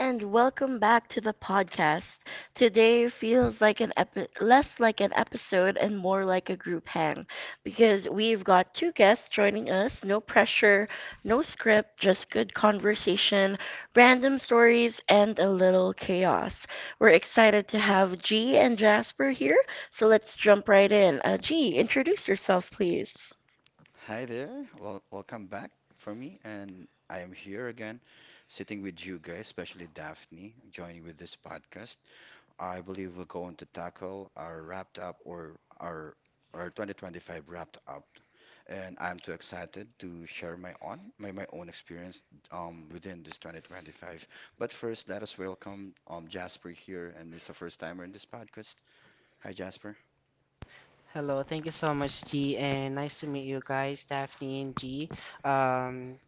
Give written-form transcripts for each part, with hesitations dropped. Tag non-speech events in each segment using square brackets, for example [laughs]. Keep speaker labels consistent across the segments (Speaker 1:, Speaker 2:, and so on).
Speaker 1: And welcome back to the podcast. Today feels like an less like an episode and more like a group hang because we've got two guests joining us. No pressure, no script, just good conversation, random stories, and a little chaos. We're excited to have G and Jasper here, so let's jump right in. G, introduce yourself, please.
Speaker 2: Hi there. Well, welcome back for me, and I am here again, sitting with you guys, especially Daphne, joining with this podcast. I believe we're going to tackle our wrapped up or our 2025 wrapped up, and I'm too excited to share my own experience within this 2025. But first, let us welcome Jasper here, and it's a first timer in this podcast. Hi, Jasper.
Speaker 3: Hello, thank you so much, G, and nice to meet you guys, Daphne and G. Um,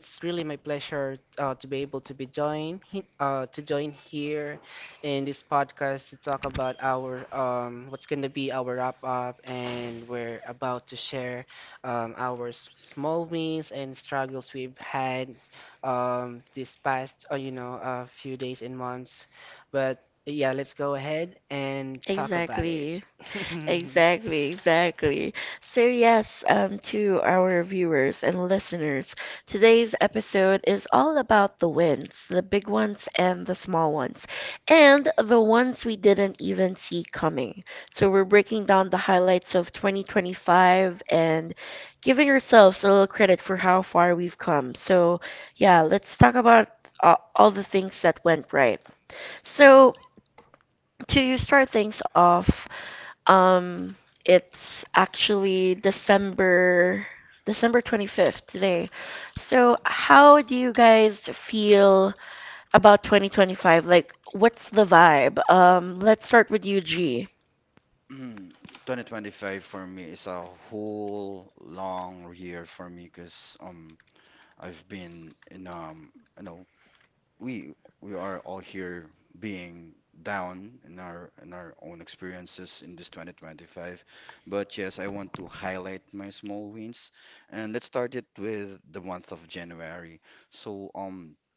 Speaker 3: it's really my pleasure to be able to to join here in this podcast to talk about our what's going to be our wrap up, and we're about to share our small wins and struggles we've had this past few days and months. But yeah, let's go ahead and talk about it.
Speaker 1: Exactly.
Speaker 3: [laughs]
Speaker 1: Exactly, exactly. So, yes, to our viewers and listeners, today's episode is all about the wins, the big ones and the small ones, and the ones we didn't even see coming. So, we're breaking down the highlights of 2025 and giving ourselves a little credit for how far we've come. So, yeah, let's talk about all the things that went right. So, to start things off, um, it's actually December 25th today. So, how do you guys feel about 2025? Like, what's the vibe? Let's start with you, G.
Speaker 2: Mm, 2025 for me is a whole long year for me, because I've been in you know we we are all here, being down in our own experiences in this 2025. But yes, I want to highlight my small wins, and let's start it with the month of January. So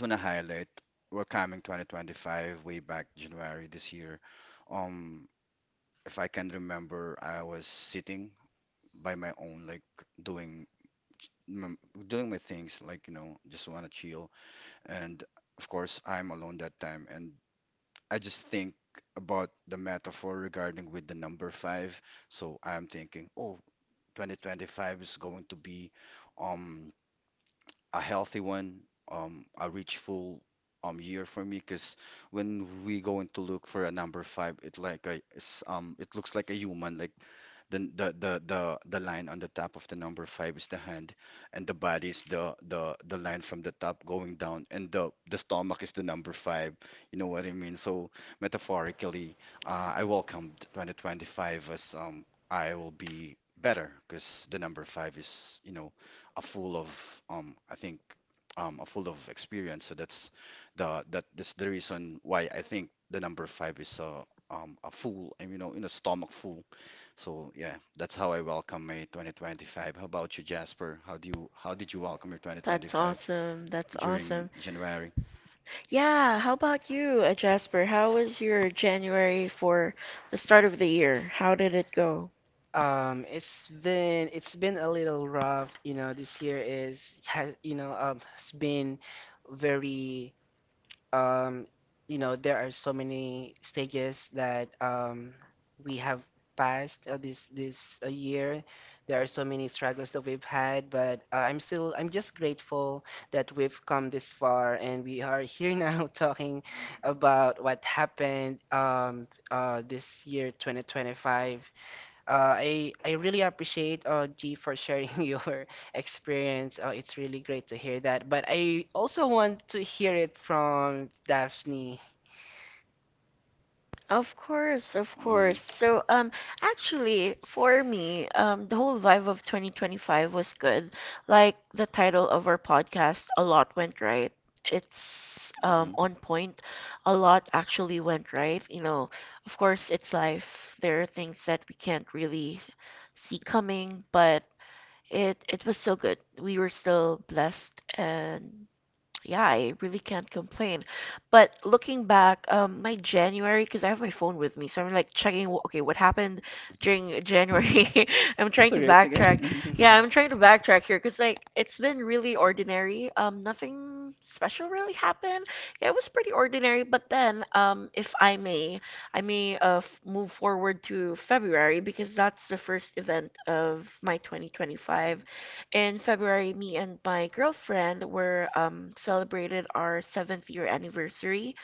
Speaker 2: I just want to highlight welcoming 2025 way back January this year. um if I can remember, I was sitting by my own, like, doing m- doing my things, like, just want to chill. And of course, I'm alone that time, and I just think about the metaphor regarding with the number five. So I'm thinking, oh, 2025 is going to be um a healthy one, a rich full year for me. Because when we going to look for a number five, it looks like a human. Like, the line on the top of the number five is the hand, and the body is the line from the top going down, and the stomach is the number five. You know what I mean? So, metaphorically, I welcomed 2025 as I will be better, because the number five is, a full of I think a full of experience. So that's the that that's the reason why I think the number five is a full and, in a stomach full. So yeah, that's how I welcome my 2025. How about you, Jasper? How did you welcome your
Speaker 1: That's
Speaker 2: 2025
Speaker 1: awesome. That's awesome.
Speaker 2: during January?
Speaker 1: Yeah, how about you, Jasper? How was your January for the start of the year? How did it go?
Speaker 3: It's been a little rough, you know, this year is has you know, has been very um there are so many stages that we have passed this this year. There are so many struggles that we've had, but I'm just grateful that we've come this far and we are here now [laughs] talking about what happened this year 2025. I really appreciate G for sharing [laughs] your experience. It's really great to hear that. But I also want to hear it from Daphne.
Speaker 1: Of course, of course.
Speaker 2: Hmm.
Speaker 1: So, actually, for me, the whole vibe of 2025 was good. Like the title of our podcast, A Lot Went Right. It's on
Speaker 2: Hmm.
Speaker 1: point. A lot actually went right. Of course, it's life. There are things that we can't really see coming, but it was still good. We were still blessed, and yeah, I really can't complain. But looking back, my January, because I have my phone with me, so I'm like checking, okay, what happened during January? [laughs] I'm trying to
Speaker 2: It's okay. It's okay.
Speaker 1: backtrack.
Speaker 2: Hmm.
Speaker 1: Yeah, I'm
Speaker 3: [laughs]
Speaker 1: trying to backtrack here because like it's been really ordinary. Nothing special really happened. Yeah, it was pretty ordinary. But then, if I may, I may move forward to February, because that's the first event of my 2025. In February, me and my girlfriend were celebrated our seventh year anniversary,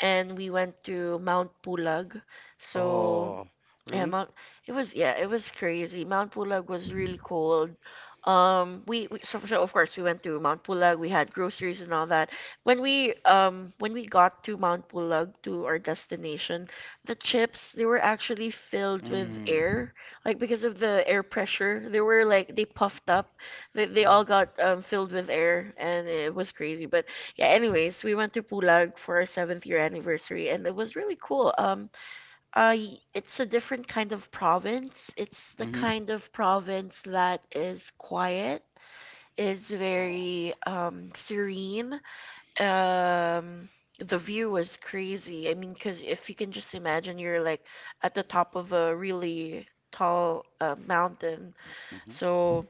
Speaker 1: and we went to Mount Pulag. So
Speaker 2: Oh,
Speaker 1: yeah,
Speaker 2: really?
Speaker 1: It was, yeah, it was crazy. Mount Pulag was really cold. So of course we went to Mount Pulag. We had groceries and all that. When we got to Mount Pulag to our destination, the chips, they were actually filled with air,
Speaker 2: Mm.
Speaker 1: like because of the air pressure. They were like they puffed up. They all got filled with air, and it was crazy. But yeah, anyways, we went to Pulag for our seventh year anniversary, and it was really cool. It's a different kind of province. It's the
Speaker 2: Mm-hmm.
Speaker 1: kind of province that is quiet, is
Speaker 2: Oh.
Speaker 1: very serene. Um, the view was crazy. I mean, because if you can just imagine, you're like at the top of a really tall mountain.
Speaker 2: Hmm.
Speaker 1: So,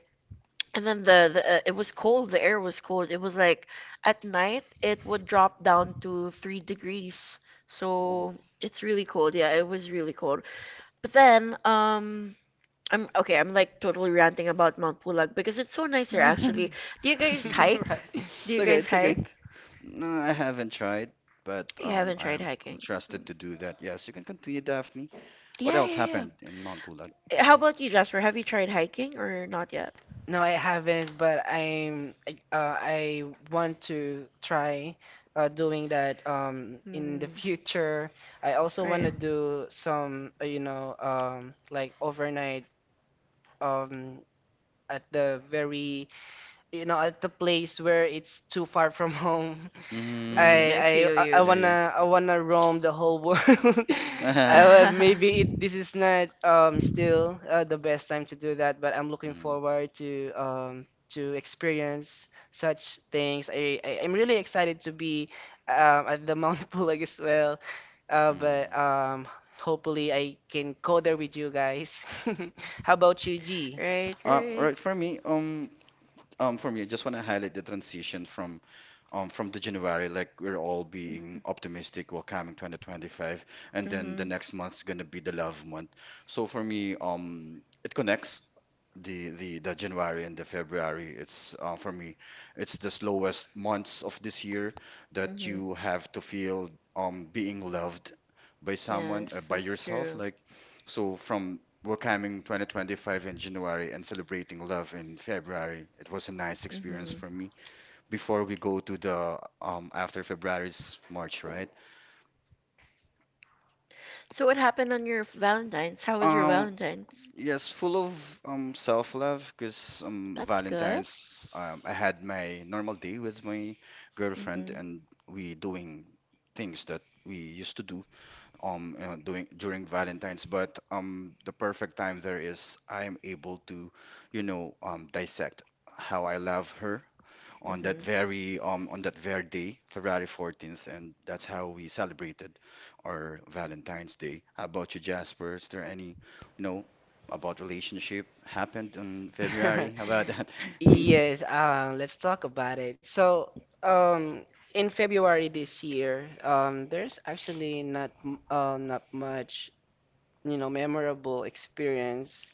Speaker 1: and then the it was cold. The air was cold. It was like at night it would drop down to 3 degrees. So
Speaker 2: Oh.
Speaker 1: it's really cold. Yeah, it was really cold. But then, I'm okay. I'm like totally ranting about Mount Pulag because it's so nice here, actually. Do you guys hike?
Speaker 2: [laughs]
Speaker 3: Right.
Speaker 1: Do you
Speaker 2: It's
Speaker 1: guys
Speaker 2: okay, it's okay.
Speaker 1: hike?
Speaker 2: No, I haven't tried, but
Speaker 1: You haven't tried
Speaker 2: I'm,
Speaker 1: hiking.
Speaker 2: I'm
Speaker 1: Mm.
Speaker 2: trusted to do that. Yes, you can continue, Daphne.
Speaker 1: Yeah,
Speaker 2: What else
Speaker 1: yeah,
Speaker 2: happened in Mount Pulag?
Speaker 1: yeah. How about you, Jasper? Have you tried hiking or not yet?
Speaker 3: No, I haven't, but I want to try doing that in the
Speaker 1: Hmm.
Speaker 3: future. I also want
Speaker 1: Right.
Speaker 3: to do some like overnight um at the very you know at the place where it's too far from home. [laughs]
Speaker 1: Mm,
Speaker 2: Mm-hmm.
Speaker 1: I
Speaker 3: i
Speaker 1: feel
Speaker 3: i i I
Speaker 1: you.
Speaker 2: Yeah,
Speaker 3: wanna i wanna roam the whole world. [laughs]
Speaker 2: yeah.
Speaker 3: Maybe
Speaker 1: [laughs]
Speaker 3: it this is not still the best time to do that, but I'm
Speaker 2: [laughs]
Speaker 3: looking
Speaker 2: Hmm.
Speaker 3: forward to experience such things. I, I'm really excited to be at the Mount [laughs] Pulag as well, but
Speaker 2: Mm.
Speaker 3: hopefully I can go there with you guys. [laughs] How about you, G?
Speaker 1: Right, right.
Speaker 2: All right, for me, I just want to highlight the transition from the January, like we're all
Speaker 1: Mm-hmm.
Speaker 2: being optimistic while coming 2025, and then
Speaker 1: Mhm.
Speaker 2: the next month's gonna be the love month. So for me, it connects the January and the February. It's For me, it's the slowest months of this year, that
Speaker 1: Mhm.
Speaker 2: you have to feel being loved by someone,
Speaker 1: Yes,
Speaker 2: by
Speaker 1: that's
Speaker 2: yourself.
Speaker 1: true.
Speaker 2: Like, so from welcoming 2025 in January and celebrating love in February, it was a nice experience
Speaker 1: Mhm.
Speaker 2: for me before we go to the after February's March, right?
Speaker 1: So what happened on your Valentine's? How was your
Speaker 2: Um,
Speaker 1: Valentine's?
Speaker 2: yes, full of self-love, because
Speaker 1: That's good.
Speaker 2: Valentine's, I had my normal day with my
Speaker 1: Mhm.
Speaker 2: girlfriend, and we doing things that we used to do, doing during Valentine's. But the perfect time there is I am able to, dissect how I love her
Speaker 1: Mhm.
Speaker 2: on that very day, February 14th, and that's how we celebrated our Valentine's Day. How about you, Jasper? Is there any, you know about relationship happened in February?
Speaker 3: [laughs]
Speaker 2: How about that? [laughs]
Speaker 3: Yes, let's talk about it. So, um, in February this year, there's actually not much you know, memorable experience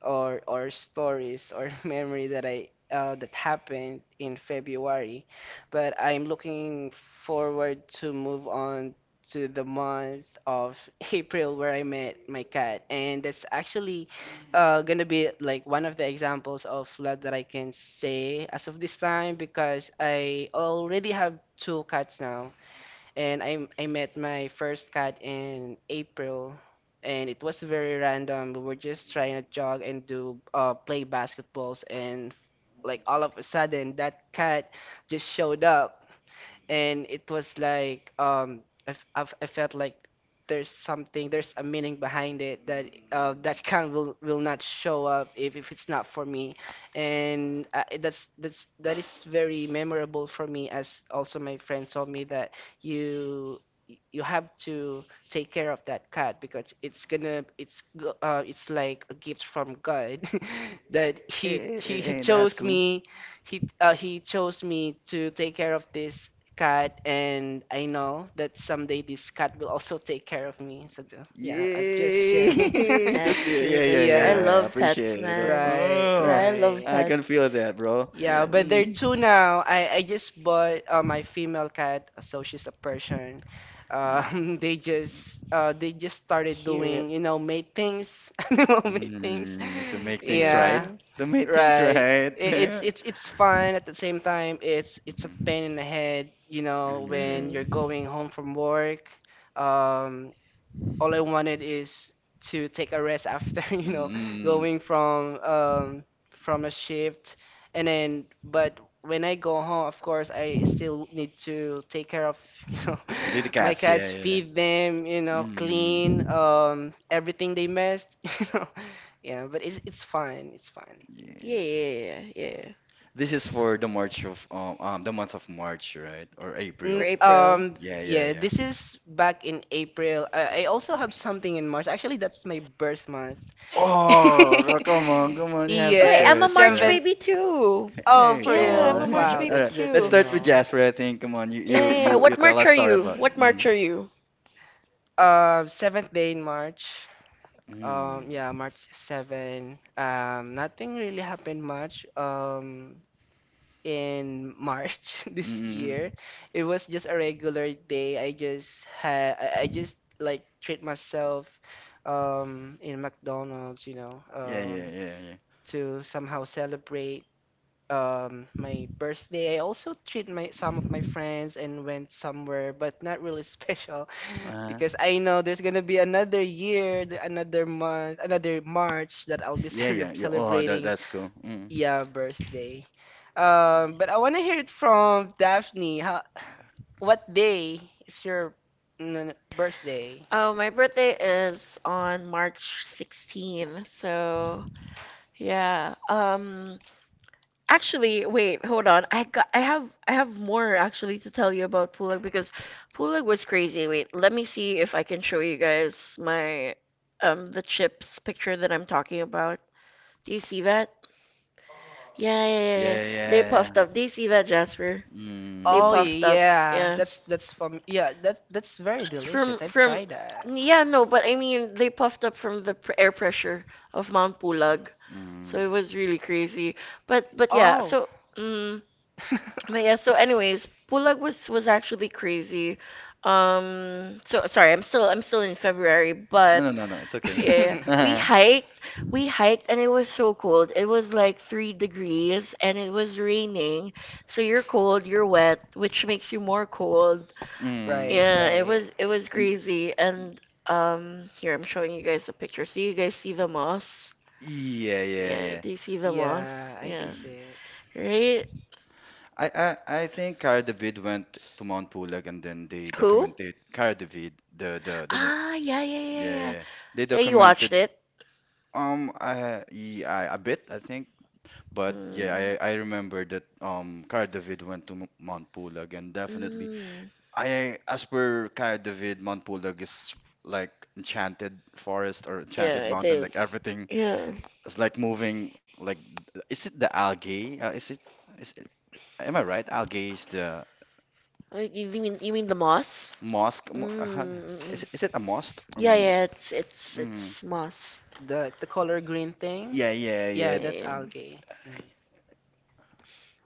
Speaker 3: or stories or [laughs] memory that I that happened in February. But I'm looking forward to move on to the month of [laughs] April, where I met my cat, and that's actually gonna be like one of the examples of love that I can say as of this time, because I already have two cats now and I met my first cat in April, and it was very random. We were just trying to jog and do play basketballs, and like all of a sudden that cat just showed up, and it was like I felt like there's a meaning behind it that [laughs] can will not show up if it's not for me, and that is very memorable for me, as also my friend told me that you have to take care of that cat because it's gonna it's go- it's like a gift from God [laughs] that
Speaker 2: Eh, eh,
Speaker 3: he
Speaker 2: eh, eh, that's
Speaker 3: chose
Speaker 2: cool.
Speaker 3: me. He chose me to take care of this cat, and I know that someday this cat will also take care of me. So, yeah, I'm just
Speaker 2: Yay!
Speaker 3: sharing.
Speaker 2: [laughs] The
Speaker 1: That's
Speaker 2: spirit.
Speaker 1: true,
Speaker 2: Yeah,
Speaker 3: [laughs]
Speaker 2: yeah,
Speaker 1: that's true.
Speaker 2: yeah,
Speaker 1: I
Speaker 3: Yeah,
Speaker 2: yeah. I
Speaker 1: love pets,
Speaker 2: appreciate it.
Speaker 1: man.
Speaker 3: right,
Speaker 1: Yeah,
Speaker 2: Oh,
Speaker 1: I love
Speaker 3: right.
Speaker 2: I can
Speaker 1: pets.
Speaker 2: feel that, bro.
Speaker 3: Yeah,
Speaker 1: Yeah.
Speaker 3: but there are
Speaker 2: Mm.
Speaker 3: two now. I just bought my female cat, so she's a Persian.
Speaker 2: Mm.
Speaker 3: [laughs] They just started doing,
Speaker 1: Cute.
Speaker 3: you know, mating,s [laughs] animal mating,s
Speaker 2: Mm. To make things right.
Speaker 3: Yeah,
Speaker 1: Mm.
Speaker 2: To make things
Speaker 3: right.
Speaker 2: right.
Speaker 3: It,
Speaker 2: [laughs]
Speaker 3: It's fun at the same time. It's a
Speaker 2: Hmm.
Speaker 3: pain in the head, you know, when
Speaker 1: Mm-hmm.
Speaker 3: you're
Speaker 2: Mm.
Speaker 3: going home from work. Um, all I wanted is to take a rest after, [laughs] you know,
Speaker 2: Mm.
Speaker 3: going from a shift, and then, but when I go home, of course, I still need to take care of, [laughs] you know,
Speaker 2: The
Speaker 3: my
Speaker 2: cats, yeah,
Speaker 3: cats,
Speaker 2: yeah.
Speaker 3: feed them, you know, clean
Speaker 2: Mm.
Speaker 3: everything they messed, [laughs] you know. Yeah, but it's fine. It's fine.
Speaker 2: Yeah.
Speaker 1: Yeah, yeah, yeah, yeah, yeah.
Speaker 2: This is for the March of, the month of March, right? Or
Speaker 1: For
Speaker 2: April.
Speaker 3: Mm,
Speaker 1: April.
Speaker 3: um,
Speaker 2: Yeah, yeah,
Speaker 3: yeah,
Speaker 2: yeah.
Speaker 3: this is back in April. I
Speaker 2: April.
Speaker 3: also have something in March. Actually, that's my birth month.
Speaker 2: Oh, come on, come
Speaker 3: [laughs]
Speaker 2: on, you have to
Speaker 1: Wait,
Speaker 2: share
Speaker 3: Yes,
Speaker 1: I'm a
Speaker 3: the
Speaker 2: it with
Speaker 1: March
Speaker 3: seventh.
Speaker 2: us.
Speaker 1: baby too.
Speaker 3: Oh,
Speaker 2: Hey,
Speaker 3: for
Speaker 2: come
Speaker 1: Yeah, I'm a
Speaker 3: real?
Speaker 2: on.
Speaker 1: March
Speaker 3: Wow,
Speaker 2: [laughs] All
Speaker 1: baby
Speaker 3: that's
Speaker 2: right,
Speaker 3: good
Speaker 2: let's
Speaker 3: to
Speaker 1: too.
Speaker 2: start with
Speaker 3: know.
Speaker 2: Jasper, I think. Come on, you
Speaker 1: Yeah,
Speaker 2: you
Speaker 1: yeah, yeah.
Speaker 2: you you
Speaker 1: What
Speaker 2: tell
Speaker 1: March
Speaker 2: us
Speaker 1: are
Speaker 2: story
Speaker 1: you?
Speaker 2: about.
Speaker 1: What
Speaker 2: Mm-hmm.
Speaker 1: March are
Speaker 3: [laughs]
Speaker 1: you?
Speaker 3: Um, seventh day in March. Yeah,
Speaker 2: Mm.
Speaker 3: March 7. Nothing really happened much. In March [laughs] this year,
Speaker 2: Mm-hmm.
Speaker 3: it was just a regular day. I just like treat myself, in McDonald's, you know,
Speaker 2: Yeah, yeah, yeah, yeah.
Speaker 3: to somehow celebrate my birthday. I also treat my some of my friends and went somewhere, but not really special [laughs]
Speaker 2: Uh,
Speaker 3: because I know there's gonna be another year, another month, another March that I'll be [laughs]
Speaker 2: yeah, yeah, yeah. Oh, that
Speaker 3: celebrating
Speaker 2: that's cool. Mm.
Speaker 3: yeah birthday. But I wanna hear it from Daphne. What day is your birthday?
Speaker 1: Oh, my birthday is on March 16th. So, yeah. Actually, wait, hold on. I have more actually to tell you about Pulag, because Pulag was crazy. Wait, let me see if I can show you guys my the chips picture that I'm talking about. Do you see that? Yeah, yeah, yeah, yeah.
Speaker 2: Yeah,
Speaker 1: They
Speaker 2: yeah,
Speaker 1: puffed
Speaker 2: yeah.
Speaker 1: up. Do you see that, Jasper? They
Speaker 3: Oh
Speaker 2: Mm.
Speaker 1: puffed up.
Speaker 3: yeah,
Speaker 1: Yeah.
Speaker 3: that's from yeah, that that's very
Speaker 1: From
Speaker 3: delicious. I've
Speaker 1: from
Speaker 3: tried that.
Speaker 1: yeah, no, but I mean they puffed up from the pr air pressure of Mount Pulag. So it
Speaker 2: Mm.
Speaker 1: was really crazy. But yeah,
Speaker 3: Oh.
Speaker 1: so mm but yeah,
Speaker 3: [laughs]
Speaker 1: so anyways, Pulag was actually crazy. So sorry, I'm still in February, but
Speaker 2: No, no, no, no. It's okay. [laughs]
Speaker 1: yeah, we
Speaker 2: Uh-huh.
Speaker 1: hiked, we hiked, and it was so cold. It was like 3 degrees, and it was raining. So you're cold, you're wet, which makes you more cold.
Speaker 3: Right,
Speaker 1: Yeah,
Speaker 2: Mm.
Speaker 1: it
Speaker 3: right.
Speaker 1: was it was
Speaker 2: And-
Speaker 1: crazy. And here I'm showing you guys a picture. So you guys see the moss?
Speaker 2: Yeah, yeah,
Speaker 1: Yeah,
Speaker 2: yeah.
Speaker 1: do you see the moss?
Speaker 3: Yeah, I
Speaker 1: Yeah,
Speaker 3: can see
Speaker 2: Mm.
Speaker 3: it.
Speaker 1: right?
Speaker 2: I think Cara David went to Mount Pulag, and then they
Speaker 1: Who?
Speaker 2: documented Cara David,
Speaker 1: Ah, yeah, yeah, yeah,
Speaker 2: yeah,
Speaker 1: yeah.
Speaker 2: yeah. They
Speaker 1: Yeah, you watched
Speaker 2: documented.
Speaker 1: it.
Speaker 2: Yeah, a bit, I think, but
Speaker 1: Mm.
Speaker 2: yeah, I remember that Cara David went to Mount Pulag, and definitely,
Speaker 1: Mm.
Speaker 2: I, as per Cara David, Mount Pulag is like enchanted forest or
Speaker 1: Yeah,
Speaker 2: enchanted
Speaker 1: it
Speaker 2: mountain, like
Speaker 1: is.
Speaker 2: everything
Speaker 1: Yeah.
Speaker 2: is like moving. Like, is it the algae? Is it? Am I right? Algae is the
Speaker 1: You mean the moss?
Speaker 2: mosque.
Speaker 1: Mm. Mm,
Speaker 2: Is
Speaker 1: mm.
Speaker 2: is it a mosque?
Speaker 1: Yeah, yeah, it's it's
Speaker 2: Mm,
Speaker 1: it's moss.
Speaker 3: The color green thing?
Speaker 1: Yeah,
Speaker 2: yeah, yeah,
Speaker 3: Yeah,
Speaker 2: yeah.
Speaker 3: that's
Speaker 1: yeah.
Speaker 3: algae. Mm.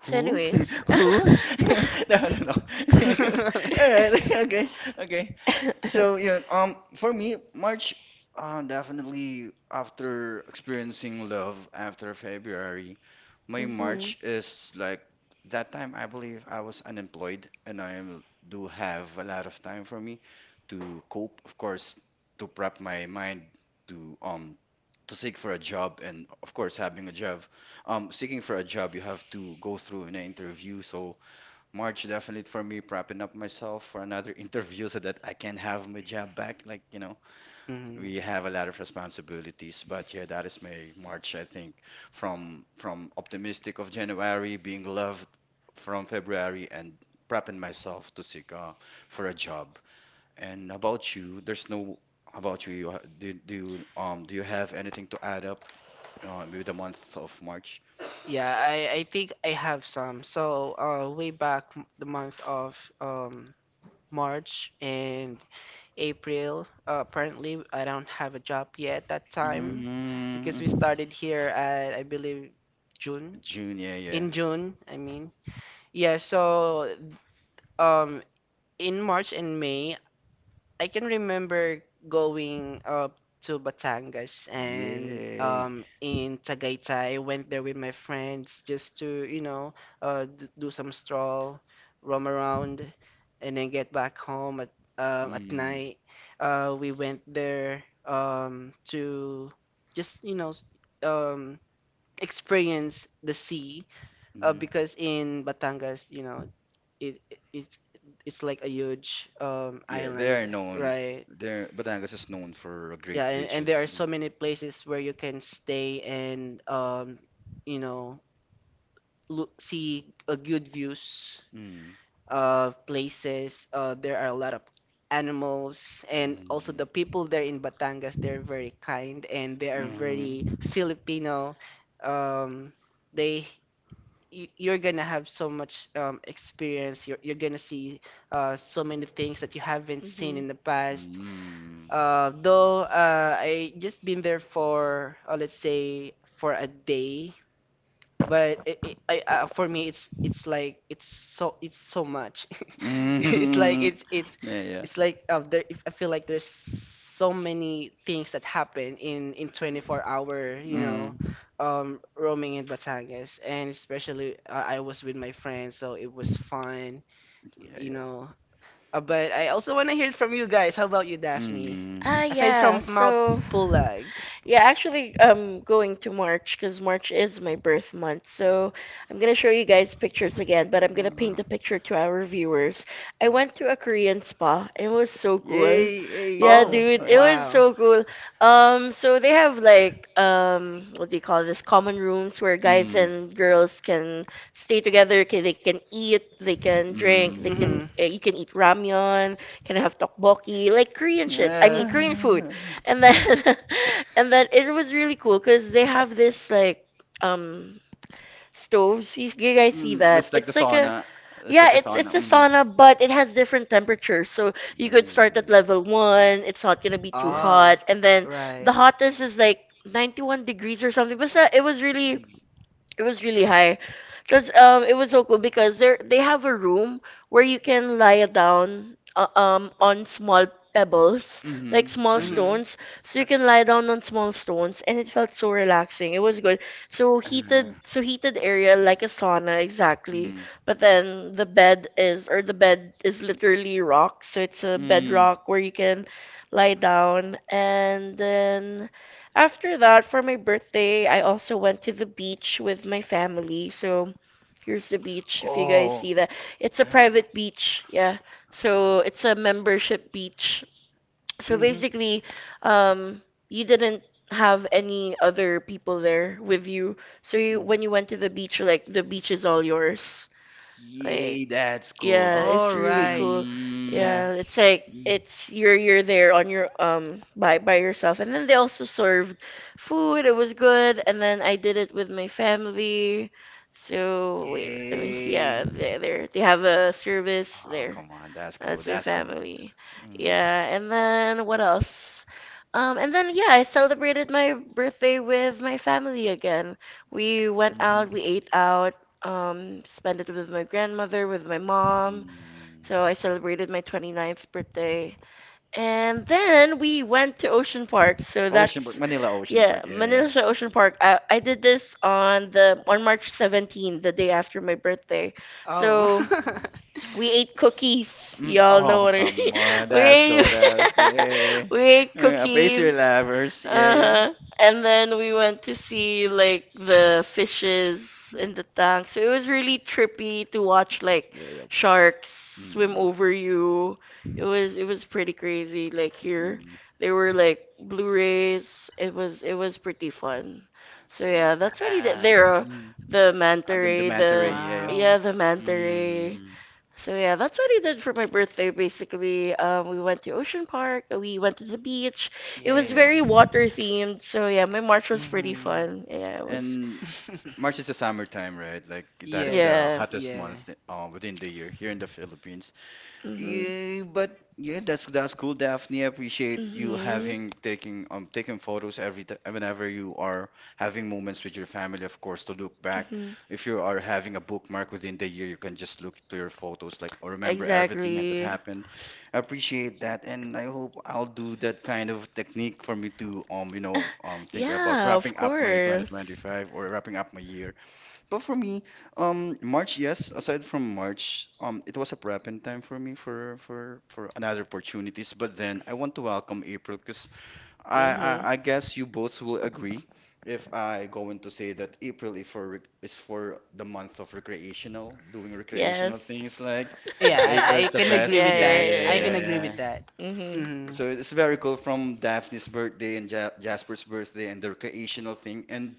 Speaker 1: So
Speaker 2: Who?
Speaker 1: anyways.
Speaker 2: [laughs] Who? [laughs] No, no, no. [laughs] All right. [laughs]
Speaker 3: [laughs]
Speaker 2: Okay. Okay. So yeah, for me, March,
Speaker 1: [laughs]
Speaker 2: definitely after experiencing love after February, my
Speaker 1: Mhm.
Speaker 2: March is like that time. I believe I was unemployed, and I do have a lot of time for me to cope, of course, to prep my mind to um to seek for a job, and of course having a job. Seeking for a job, you have to go through an interview. So March, definitely for me, prepping up myself for another [laughs] interview so that I can have my job back. Like, we have a lot of
Speaker 3: Mhm.
Speaker 2: responsibilities, but yeah, that is my March, I think. From optimistic of January, being loved from February, and prepping myself to seek, for a job. And about you, there's no about you. Do you have anything to add up, with the month of March?
Speaker 3: Yeah, I think I have some. So, way back the month of um, March and April, apparently I don't have a job yet that time because we
Speaker 2: Mm.
Speaker 3: started here at, I believe, June.
Speaker 2: June, yeah, yeah.
Speaker 3: In June, I mean. Yeah, so um, in March and May, I can remember going up to Batangas and
Speaker 2: Yay.
Speaker 3: in Tagaytay. I went there with my friends just to, you know, d do some stroll, roam around, and then get back home at
Speaker 2: Mm.
Speaker 3: night. We went there to just, you know, s- um, experience the sea
Speaker 2: Hmm.
Speaker 3: because in Batangas, you know, it's like a huge
Speaker 2: Yeah, they
Speaker 3: island,
Speaker 2: are known.
Speaker 3: right?
Speaker 2: Batangas is known for great
Speaker 3: Yeah, and there are
Speaker 2: beaches.
Speaker 3: so many places where you can stay and you know, look, see good views
Speaker 2: Mm.
Speaker 3: of places. There are a lot of animals, and also the
Speaker 2: Mm.
Speaker 3: people there in Batangas, they're very kind and they are
Speaker 2: Mm-hmm.
Speaker 3: very
Speaker 2: [laughs]
Speaker 3: Filipino. Um, they You're gonna have so much experience. You're gonna see so many things that you haven't seen
Speaker 1: Mhm.
Speaker 3: in the past.
Speaker 2: Mm.
Speaker 3: Though I just been there for let's say for a day, but it, I, for me it's like it's so much. [laughs]
Speaker 2: Mm.
Speaker 3: It's like
Speaker 2: Mm.
Speaker 3: it's it's
Speaker 2: [laughs] Yeah, yeah.
Speaker 3: it's like there If I feel like there's so many things that happen in 24 hour, you know,
Speaker 2: Mm.
Speaker 3: roaming in Batangas, and especially I was with my friends, so it was fun,
Speaker 2: Yeah,
Speaker 3: you
Speaker 2: yeah.
Speaker 3: know. But I also want to hear it from you guys. How about you, Daphne?
Speaker 1: Ah,
Speaker 2: Mm.
Speaker 3: Aside
Speaker 1: yeah.
Speaker 3: from Mount
Speaker 1: So,
Speaker 3: Pulag.
Speaker 1: yeah, actually, I'm going to March because March is my birth month. So I'm gonna show you guys pictures again, but I'm gonna
Speaker 2: Uh,
Speaker 1: paint a picture to our viewers. I went to a Korean spa. It was so cool.
Speaker 2: Yay, yay.
Speaker 1: Yeah,
Speaker 3: Oh,
Speaker 1: dude, it was
Speaker 3: wow.
Speaker 1: so cool. So they have like what do you call this? Common rooms where guys
Speaker 2: Mm.
Speaker 1: and girls can stay together. Can They can eat, they can drink, they can
Speaker 2: Mm.
Speaker 3: Mm-hmm.
Speaker 1: you can eat ramyeon, can have tteokbokki, like Korean shit. I mean
Speaker 2: Yeah.
Speaker 1: Korean food. And then [laughs] and then it was really cool because they have this like um stoves. You guys see
Speaker 2: Mm,
Speaker 1: that?
Speaker 2: let's take the
Speaker 1: It's like a
Speaker 2: sauna. Let's take
Speaker 1: yeah,
Speaker 2: the
Speaker 1: it's
Speaker 2: sauna.
Speaker 1: a
Speaker 2: Mm.
Speaker 1: sauna, but it has different temperatures. So you could start at
Speaker 2: Ooh.
Speaker 1: level one. It's not gonna be too
Speaker 2: Yeah,
Speaker 3: Oh,
Speaker 1: hot, and then
Speaker 3: right.
Speaker 1: the hottest is like 91 degrees or something. But it was really
Speaker 2: yeah.
Speaker 1: it was really high. Cause it was so cool because they have a room where you can lie down on small pebbles, like
Speaker 2: Mm-hmm.
Speaker 1: small
Speaker 3: Mm-hmm.
Speaker 1: stones. So you can lie down on small stones and it felt so relaxing. It was good. So
Speaker 2: Uh,
Speaker 1: heated so heated area, like a sauna exactly.
Speaker 2: mm,
Speaker 1: But then the bed is literally rock. So it's a
Speaker 2: mm.
Speaker 1: bedrock where you can lie down. And then after that, for my birthday I also went to the beach with my family. So here's the beach, if you guys
Speaker 2: Oh,
Speaker 1: see that. It's a
Speaker 2: uh,
Speaker 1: private beach, yeah.
Speaker 2: oh, come.
Speaker 1: So it's a membership beach. So
Speaker 2: Mm-hmm.
Speaker 1: basically, um, you didn't have any other people there with you. So
Speaker 2: Mm.
Speaker 1: when you went to the beach, like, the beach is all yours. Like,
Speaker 2: Yay, that's cool.
Speaker 1: yeah,
Speaker 2: That's
Speaker 3: All
Speaker 1: it's
Speaker 2: cool.
Speaker 1: really
Speaker 3: right.
Speaker 1: cool.
Speaker 2: Mm,
Speaker 3: Yeah.
Speaker 1: Yeah, it's like
Speaker 2: mm.
Speaker 1: it's you're there on your by yourself. And then they also served food. It was good. And then I did it with my family. So wait, I mean,
Speaker 2: Yay.
Speaker 1: yeah, they have a service
Speaker 2: Oh,
Speaker 1: there.
Speaker 2: come on. That's cool.
Speaker 1: That's my
Speaker 2: That's cool.
Speaker 1: family.
Speaker 2: Mm.
Speaker 1: Yeah, and then what else? And then yeah, I celebrated my birthday with my family again. We went out,
Speaker 2: Mhm.
Speaker 1: we ate out, spent it with my grandmother, with my mom.
Speaker 2: Mm.
Speaker 1: So I celebrated my 29th birthday. And then we went to Ocean Park. So
Speaker 2: Oceanburg,
Speaker 1: that's
Speaker 2: Manila
Speaker 1: yeah,
Speaker 2: Oceanburg. Yeah, yeah.
Speaker 1: Manila Siya Ocean Park. I did this on the on March 17th, the day after my birthday.
Speaker 3: Oh.
Speaker 1: So
Speaker 3: [laughs]
Speaker 1: we ate cookies.
Speaker 2: Mm,
Speaker 1: Y'all know
Speaker 2: oh,
Speaker 1: what I mean.
Speaker 2: come
Speaker 1: [laughs]
Speaker 2: on.
Speaker 1: We
Speaker 2: That's
Speaker 1: ate,
Speaker 2: cool. That's yeah.
Speaker 1: [laughs] we ate
Speaker 2: Apace your
Speaker 1: cookies.
Speaker 2: lovers. Yeah, yeah.
Speaker 1: Uh-huh. And then we went to see like the fishes in the tank. So it was really trippy to watch like
Speaker 2: Yeah, yeah.
Speaker 1: sharks swim
Speaker 2: Mm,
Speaker 1: over you. It was pretty crazy, like here.
Speaker 2: mm.
Speaker 1: They were like Blu-rays. It was pretty fun. So yeah, that's what he did.
Speaker 2: Ah,
Speaker 1: There
Speaker 2: mm.
Speaker 1: the manta
Speaker 2: Ah, the
Speaker 1: ray,
Speaker 2: manta ray.
Speaker 1: the,
Speaker 2: Yeah.
Speaker 3: Wow.
Speaker 1: yeah, the manta ray.
Speaker 2: Mm-hmm.
Speaker 1: So yeah, that's what I did for my birthday basically. We went to Ocean Park, we went to the beach. It was
Speaker 2: Yeah. Mm, yeah.
Speaker 1: very water themed, so yeah, my March was pretty
Speaker 3: Mm-hmm.
Speaker 1: fun. Yeah, it was,
Speaker 2: And
Speaker 3: [laughs]
Speaker 2: March is the summertime, right? Like, that is
Speaker 3: Yes.
Speaker 2: the
Speaker 1: yeah.
Speaker 2: hottest
Speaker 3: Yeah.
Speaker 2: month, within the year here in the Philippines.
Speaker 1: Mhm.
Speaker 2: Yeah, but yeah, that's cool, Daphne. I appreciate you
Speaker 1: Mhm.
Speaker 2: having taking taking photos every t whenever you are having moments with your family, of course, to look back.
Speaker 1: Mhm.
Speaker 2: If you are having a bookmark within the year, you can just look to your photos, like, or remember everything that
Speaker 1: Exactly.
Speaker 2: happened. I appreciate that, and I hope I'll do that kind of technique for me to think about
Speaker 1: Yeah,
Speaker 2: wrapping
Speaker 1: of
Speaker 2: up my
Speaker 1: course.
Speaker 2: 2025 or wrapping up my year. But for me, March, yes. Aside from March, it was a prepping time for me for another opportunities. But then I want to welcome April, because I, I
Speaker 1: Mhm.
Speaker 2: I guess you both will agree if I going to say that April is is for the month of recreational, doing recreational things,
Speaker 1: Yes.
Speaker 2: like
Speaker 3: Yeah,
Speaker 2: April
Speaker 3: I
Speaker 2: is the
Speaker 3: can
Speaker 1: [laughs] Yeah, like,
Speaker 2: best.
Speaker 3: agree
Speaker 1: yeah,
Speaker 3: with
Speaker 2: Yeah,
Speaker 3: that.
Speaker 2: yeah,
Speaker 3: I can
Speaker 1: yeah,
Speaker 2: yeah,
Speaker 1: and
Speaker 3: agree
Speaker 2: yeah.
Speaker 3: with that.
Speaker 1: yeah. Mm-hmm.
Speaker 3: Mm-hmm.
Speaker 2: So it's very cool, from Daphne's birthday and ja Jasper's birthday and the recreational thing. And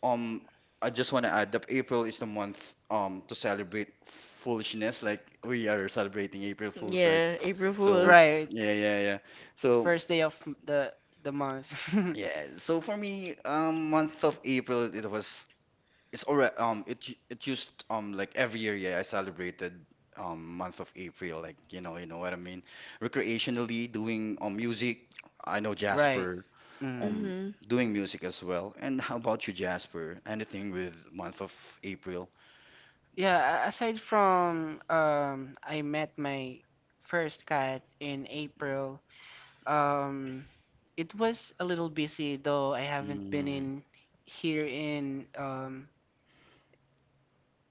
Speaker 2: um, I just want to add that April is the month to celebrate foolishness. Like, we are celebrating April
Speaker 1: a
Speaker 2: Fools, right?
Speaker 1: Yeah, April
Speaker 2: So
Speaker 1: Fools.
Speaker 3: Right.
Speaker 2: yeah, yeah, yeah. So
Speaker 3: First day of the month. [laughs]
Speaker 2: yeah. So for me, month of April, it's already it used like every year, yeah, I celebrated. Month of April, like, you know what I mean. Recreationally doing music. I know
Speaker 3: Right.
Speaker 2: Jasper
Speaker 3: Mm.
Speaker 2: um
Speaker 1: Mm-hmm.
Speaker 2: doing music as well. And how about you, Jasper? Anything with month of April?
Speaker 3: Yeah, aside from I met my first cat in April. Um, it was a little busy though. I haven't been
Speaker 2: Mm,
Speaker 3: in here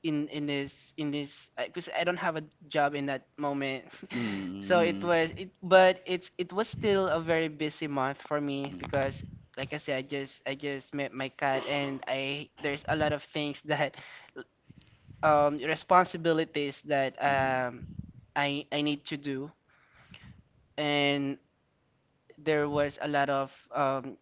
Speaker 3: in this because I don't have a job in that moment. [laughs]
Speaker 2: mm, mm,
Speaker 3: It's it was still a very busy month for me,
Speaker 2: mm,
Speaker 3: because like I said, I just met my cat, and I there's a lot of things [laughs] that responsibilities that um,
Speaker 2: mm,
Speaker 3: I I need to do, and there was a lot of um,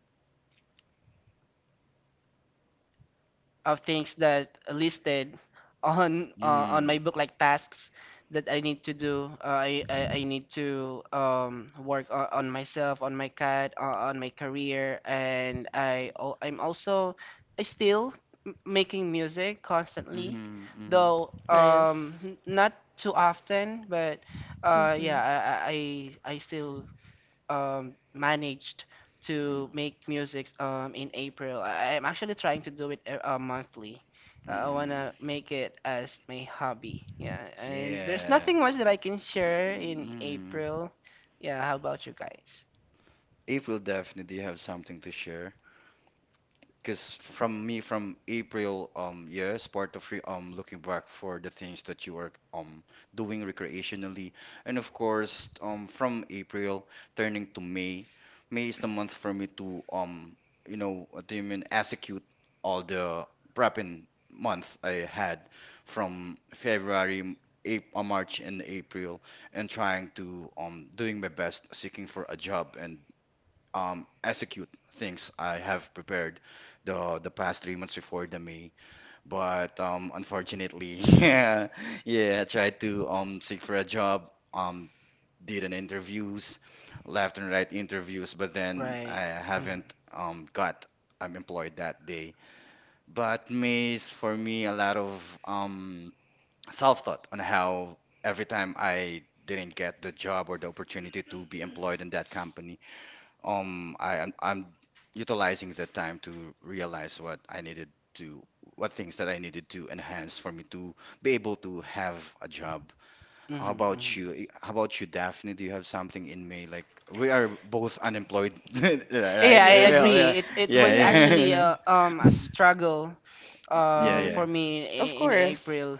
Speaker 3: of things that listed on my
Speaker 2: mm,
Speaker 3: book, like tasks that I need to do. I need to work on myself, on my cat, on my career, and I'm also I still making music constantly,
Speaker 2: mm, mm,
Speaker 3: though
Speaker 1: Nice.
Speaker 3: not too often, but
Speaker 1: Mm-hmm.
Speaker 3: yeah, I still managed to
Speaker 2: mm,
Speaker 3: make music in April. I'm actually trying to do it monthly. I
Speaker 2: mm.
Speaker 3: wanna make it as my hobby. Yeah, and there's
Speaker 2: Yeah.
Speaker 3: nothing much that I can share in
Speaker 2: Mm.
Speaker 3: April. Yeah, how about you guys?
Speaker 2: April definitely have something to share. Because from me, from April, yes, part of re looking back for the things that you are doing recreationally, and of course, from April turning to May is the month for me to, what do you mean, execute all the prepping months I had from February, March, and April, and trying to doing my best seeking for a job, and, execute things I have prepared the past 3 months before the May. But unfortunately, [laughs] yeah, I tried to seek for a job, um, did an interviews, left and right interviews, but then
Speaker 3: Right.
Speaker 2: I
Speaker 3: Mhm.
Speaker 2: haven't got I'm employed that day. But May is for me a lot of um self-thought on how every time I didn't get the job or the opportunity to be employed in that company I'm utilizing the time to realize what I needed to what things that I needed to enhance for me to be able to have a job. How
Speaker 3: Hmm, hmm.
Speaker 2: about you? How
Speaker 3: [laughs]
Speaker 2: about you, Daphne? Do you have something in May? Like we are both unemployed, [laughs] right?
Speaker 3: Yeah, I
Speaker 1: Yeah. [laughs]
Speaker 2: Well,
Speaker 3: agree.
Speaker 2: Yeah,
Speaker 3: It was
Speaker 1: Yeah. Yeah.
Speaker 2: yeah,
Speaker 3: actually
Speaker 2: yeah.
Speaker 3: a
Speaker 2: [laughs]
Speaker 3: um a struggle
Speaker 2: Yeah, yeah.
Speaker 1: Mm-hmm.
Speaker 3: for me
Speaker 1: Of
Speaker 3: in
Speaker 1: course.
Speaker 3: April.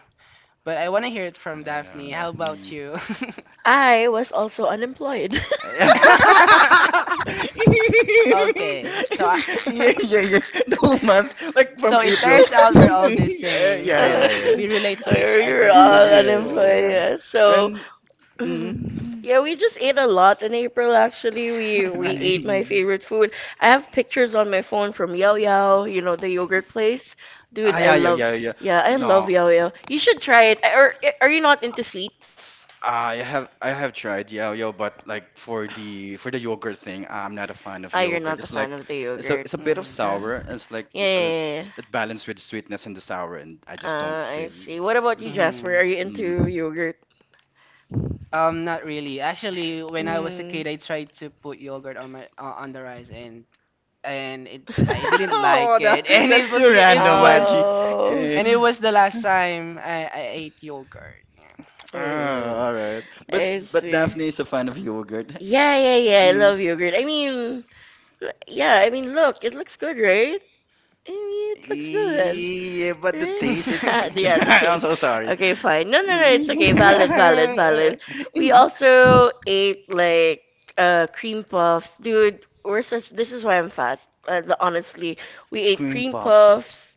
Speaker 3: But I want to hear it from Daphne.
Speaker 2: Uh,
Speaker 3: How about
Speaker 2: mm.
Speaker 3: you? [laughs]
Speaker 1: I was also unemployed. [laughs]
Speaker 3: Okay. So I
Speaker 2: [laughs] Yeah. [laughs] The whole
Speaker 3: [laughs]
Speaker 2: month, like from
Speaker 3: so it
Speaker 2: April.
Speaker 3: turns out we're
Speaker 2: [laughs]
Speaker 3: all the
Speaker 2: Uh,
Speaker 3: same.
Speaker 2: yeah,
Speaker 1: Uh,
Speaker 2: yeah,
Speaker 3: So
Speaker 2: yeah.
Speaker 3: we relate
Speaker 1: [laughs]
Speaker 3: to each
Speaker 1: we were
Speaker 3: other and
Speaker 2: [laughs]
Speaker 1: all
Speaker 3: that's
Speaker 2: Yeah,
Speaker 3: cool.
Speaker 1: unemployed,
Speaker 2: yeah.
Speaker 1: yeah. So
Speaker 2: And
Speaker 1: [laughs]
Speaker 2: mm,
Speaker 1: yeah, we just ate a lot in April actually. We
Speaker 3: [laughs]
Speaker 1: we ate
Speaker 3: Right.
Speaker 1: my
Speaker 2: mm,
Speaker 1: favorite food. I have pictures on my phone from Yao Yao, you know, the yogurt place. Dude,
Speaker 2: ah,
Speaker 1: I
Speaker 2: yeah, yeah,
Speaker 1: love
Speaker 2: yeah, yeah.
Speaker 1: Yeah, I
Speaker 2: No,
Speaker 1: love Yao Yao. You should try it. Are you not into sweets?
Speaker 2: I have tried yeah, yo, but like for the yogurt thing, I'm not a fan of
Speaker 1: Ah, you're
Speaker 2: yogurt.
Speaker 1: not a
Speaker 2: It's like
Speaker 1: fan of the
Speaker 2: it's a
Speaker 1: yogurt.
Speaker 2: it's a bit of
Speaker 3: Hmm,
Speaker 1: Uh,
Speaker 2: sour. And it's like
Speaker 1: yeah, yeah,
Speaker 2: uh,
Speaker 1: yeah, yeah.
Speaker 2: it balanced with sweetness and the sour, and I just don't feel.
Speaker 1: I see. What about you, Jasper?
Speaker 3: hmm.
Speaker 1: Are you into
Speaker 2: Mm.
Speaker 1: yogurt?
Speaker 3: Not really. Actually, when I was a
Speaker 1: Mm.
Speaker 3: kid, I tried to put yogurt on my on the rice, and it I
Speaker 2: [laughs]
Speaker 3: didn't
Speaker 2: Oh,
Speaker 3: like
Speaker 2: that
Speaker 3: it, [laughs]
Speaker 1: [laughs]
Speaker 3: and
Speaker 2: that's
Speaker 3: it was
Speaker 2: too
Speaker 3: it
Speaker 2: random,
Speaker 3: was
Speaker 2: Maggie.
Speaker 1: Oh.
Speaker 2: Eh,
Speaker 3: and it was the last time I ate yogurt. Yeah.
Speaker 1: Mm.
Speaker 2: all right, but
Speaker 1: I
Speaker 2: but
Speaker 1: see.
Speaker 2: Daphne is a fan of yogurt.
Speaker 1: Yeah, yeah, yeah. I
Speaker 2: Mm.
Speaker 1: love yogurt. I mean, yeah, I mean, look, it looks good, right? I mean, it looks good.
Speaker 2: Yeah, but the
Speaker 1: Right?
Speaker 2: taste it
Speaker 1: [laughs]
Speaker 2: is
Speaker 1: Yeah,
Speaker 2: [laughs]
Speaker 1: the
Speaker 3: [laughs]
Speaker 2: I'm
Speaker 1: taste.
Speaker 2: so sorry.
Speaker 1: Okay, fine. No,
Speaker 2: [laughs]
Speaker 1: no, no, it's okay. Valid, valid, valid. We also ate like cream puffs. Dude, we're such this is why I'm fat. Honestly, we ate
Speaker 2: Cream
Speaker 1: cream
Speaker 2: puffs.
Speaker 1: puffs.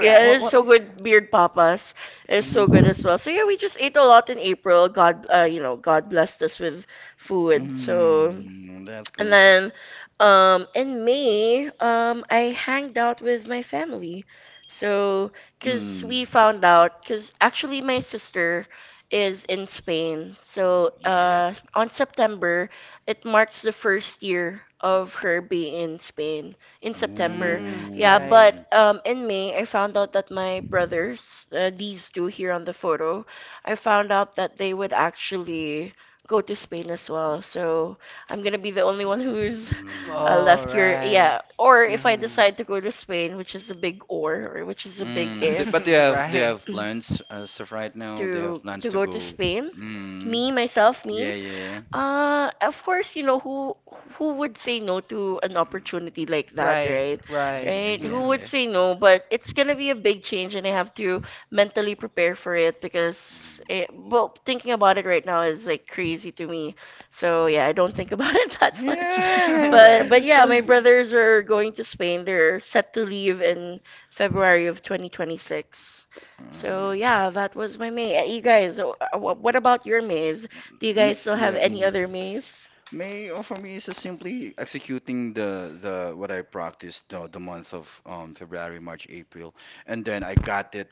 Speaker 1: Yeah, it's so
Speaker 2: What?
Speaker 1: good. Beard Papas is so good as
Speaker 2: Mm-hmm.
Speaker 1: well. So yeah, we just ate a lot in April. God, God blessed us with food. So
Speaker 2: Mm, that's
Speaker 1: and
Speaker 2: cool.
Speaker 1: then In May, I hanged out with my family. So cuz
Speaker 2: Mm.
Speaker 1: we found out cuz actually my sister is in Spain. So
Speaker 2: Yeah, yep.
Speaker 1: on September it marks the first year of her being in Spain in September.
Speaker 3: Mm,
Speaker 1: Yeah,
Speaker 3: right.
Speaker 2: Ooh.
Speaker 1: but in May I found out that my brothers, these two here on the photo, I found out that they would actually go to Spain as well. So I'm gonna be the only one who's
Speaker 2: Mm.
Speaker 1: left
Speaker 3: All
Speaker 1: here. Yeah.
Speaker 3: right.
Speaker 1: Or if I
Speaker 3: Mhm.
Speaker 1: decide to go to Spain, which is a big or which is a big
Speaker 2: Mm. Do, but
Speaker 1: if,
Speaker 3: [laughs]
Speaker 2: do you
Speaker 3: Right.
Speaker 2: have plans as of right
Speaker 1: [clears throat]
Speaker 2: now? Do you have
Speaker 1: to
Speaker 2: plans
Speaker 1: to
Speaker 2: to
Speaker 1: go to
Speaker 2: go?
Speaker 1: Spain,
Speaker 2: Mm.
Speaker 1: me, myself,
Speaker 2: Yeah,
Speaker 1: me.
Speaker 2: yeah.
Speaker 1: Of course, you know, who would say no to an
Speaker 2: Mm.
Speaker 1: opportunity like that,
Speaker 3: Right.
Speaker 1: right?
Speaker 2: Yeah,
Speaker 3: Right.
Speaker 2: yeah,
Speaker 1: Right?
Speaker 2: yeah,
Speaker 1: Who
Speaker 3: Mhm.
Speaker 1: would
Speaker 2: yeah.
Speaker 1: say no? But it's gonna be a big change, and I have to mentally prepare for it because, well, thinking about it right now is like crazy to me. So yeah, I don't think about [laughs] it that
Speaker 2: Mm.
Speaker 1: much.
Speaker 3: [laughs]
Speaker 2: Yeah.
Speaker 1: But
Speaker 3: Right.
Speaker 1: but yeah, my
Speaker 2: [laughs]
Speaker 1: brothers are going to Spain. They're set to leave in February of 2026. So
Speaker 2: Mm.
Speaker 1: yeah, that was my maze. You guys, what about your maze? Do you
Speaker 2: May,
Speaker 1: guys still have
Speaker 2: yeah,
Speaker 1: any
Speaker 2: mhm.
Speaker 1: other maze?
Speaker 2: May oh, for me is just simply executing the what I practiced the month of February, March, April, and then I got it.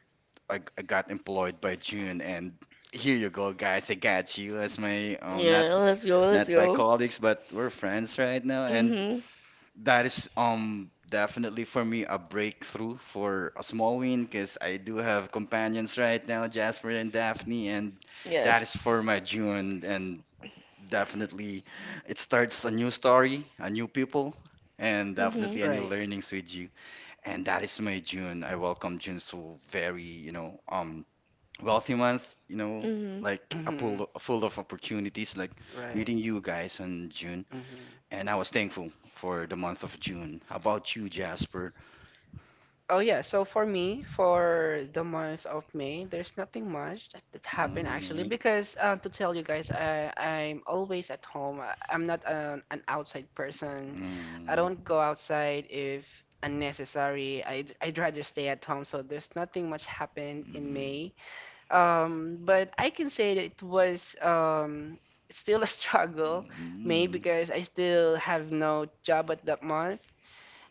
Speaker 2: I got employed by June, and here you go, guys. I got you as my not
Speaker 1: Yeah, let's go, let's
Speaker 2: not by
Speaker 1: go.
Speaker 2: colleagues, but we're friends right now, and
Speaker 1: Mhm.
Speaker 2: that is definitely for me a breakthrough for a small win because I do have companions right now, Jasper and Daphne, and that is for
Speaker 1: Yes.
Speaker 2: my June and definitely it starts a new story, a new people, and
Speaker 1: Mhm.
Speaker 2: definitely a new
Speaker 3: Right.
Speaker 2: learnings with you. And that is my June. I welcome June to very, you know, wealthy month. You know,
Speaker 1: Mhm.
Speaker 2: like a pool
Speaker 3: Mhm.
Speaker 2: full of opportunities. Like
Speaker 3: Right.
Speaker 2: meeting you guys in June,
Speaker 3: Mhm.
Speaker 2: and I was thankful for the month of June. How about you, Jasper?
Speaker 3: Oh yeah, so for me, for the month of May, there's nothing much that happened actually
Speaker 2: Mm,
Speaker 3: because to tell you guys, I'm always at home. I'm not an outside person. I
Speaker 2: mm,
Speaker 3: don't go outside if unnecessary. I'd rather stay at home. So there's nothing much happened in
Speaker 2: mm,
Speaker 3: May. But I can say that it was still a [laughs] struggle, May,
Speaker 2: mm,
Speaker 3: because I still have no job at that month,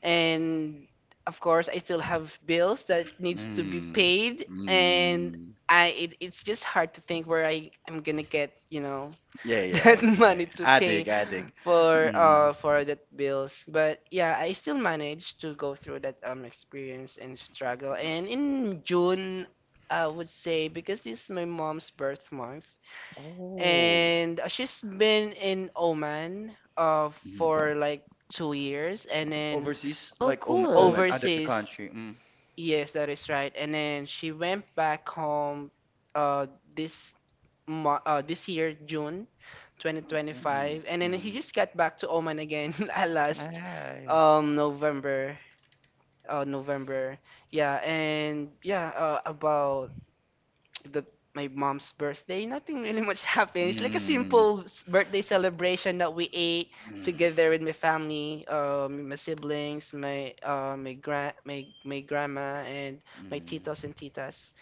Speaker 3: and of course I still have bills that needs to be
Speaker 2: mm,
Speaker 3: paid. And
Speaker 2: mm.
Speaker 3: it's just hard to think where I am gonna get
Speaker 2: Yeah,
Speaker 3: [laughs] that
Speaker 2: yeah, yeah.
Speaker 3: money to
Speaker 2: I
Speaker 3: pay
Speaker 2: dig, I dig. Mm.
Speaker 3: for that bills. But yeah, I still managed to go through that experience and struggle. And in June, I would say, because this is my mom's birth month,
Speaker 2: Oh,
Speaker 3: and she's been in Oman
Speaker 2: mm.
Speaker 3: for like 2 years. And then
Speaker 2: Overseas,
Speaker 1: Oh,
Speaker 2: like Oman,
Speaker 1: cool.
Speaker 2: Oman, other the
Speaker 3: overseas,
Speaker 2: country. Mm.
Speaker 3: yes, that is right. And then she went back home, uh this this year, June 2025.
Speaker 2: Mm,
Speaker 3: And then he
Speaker 2: mm.
Speaker 3: just got back to Oman again [laughs] at last
Speaker 2: Hi.
Speaker 3: November. November. Yeah, and yeah, about the my mom's birthday, nothing really much [laughs] happened. It's like a
Speaker 2: Mm,
Speaker 3: simple birthday celebration that we ate
Speaker 2: mm,
Speaker 3: together with my family, my siblings, my my grand my my grandma and my titos
Speaker 2: mm.
Speaker 3: and titas,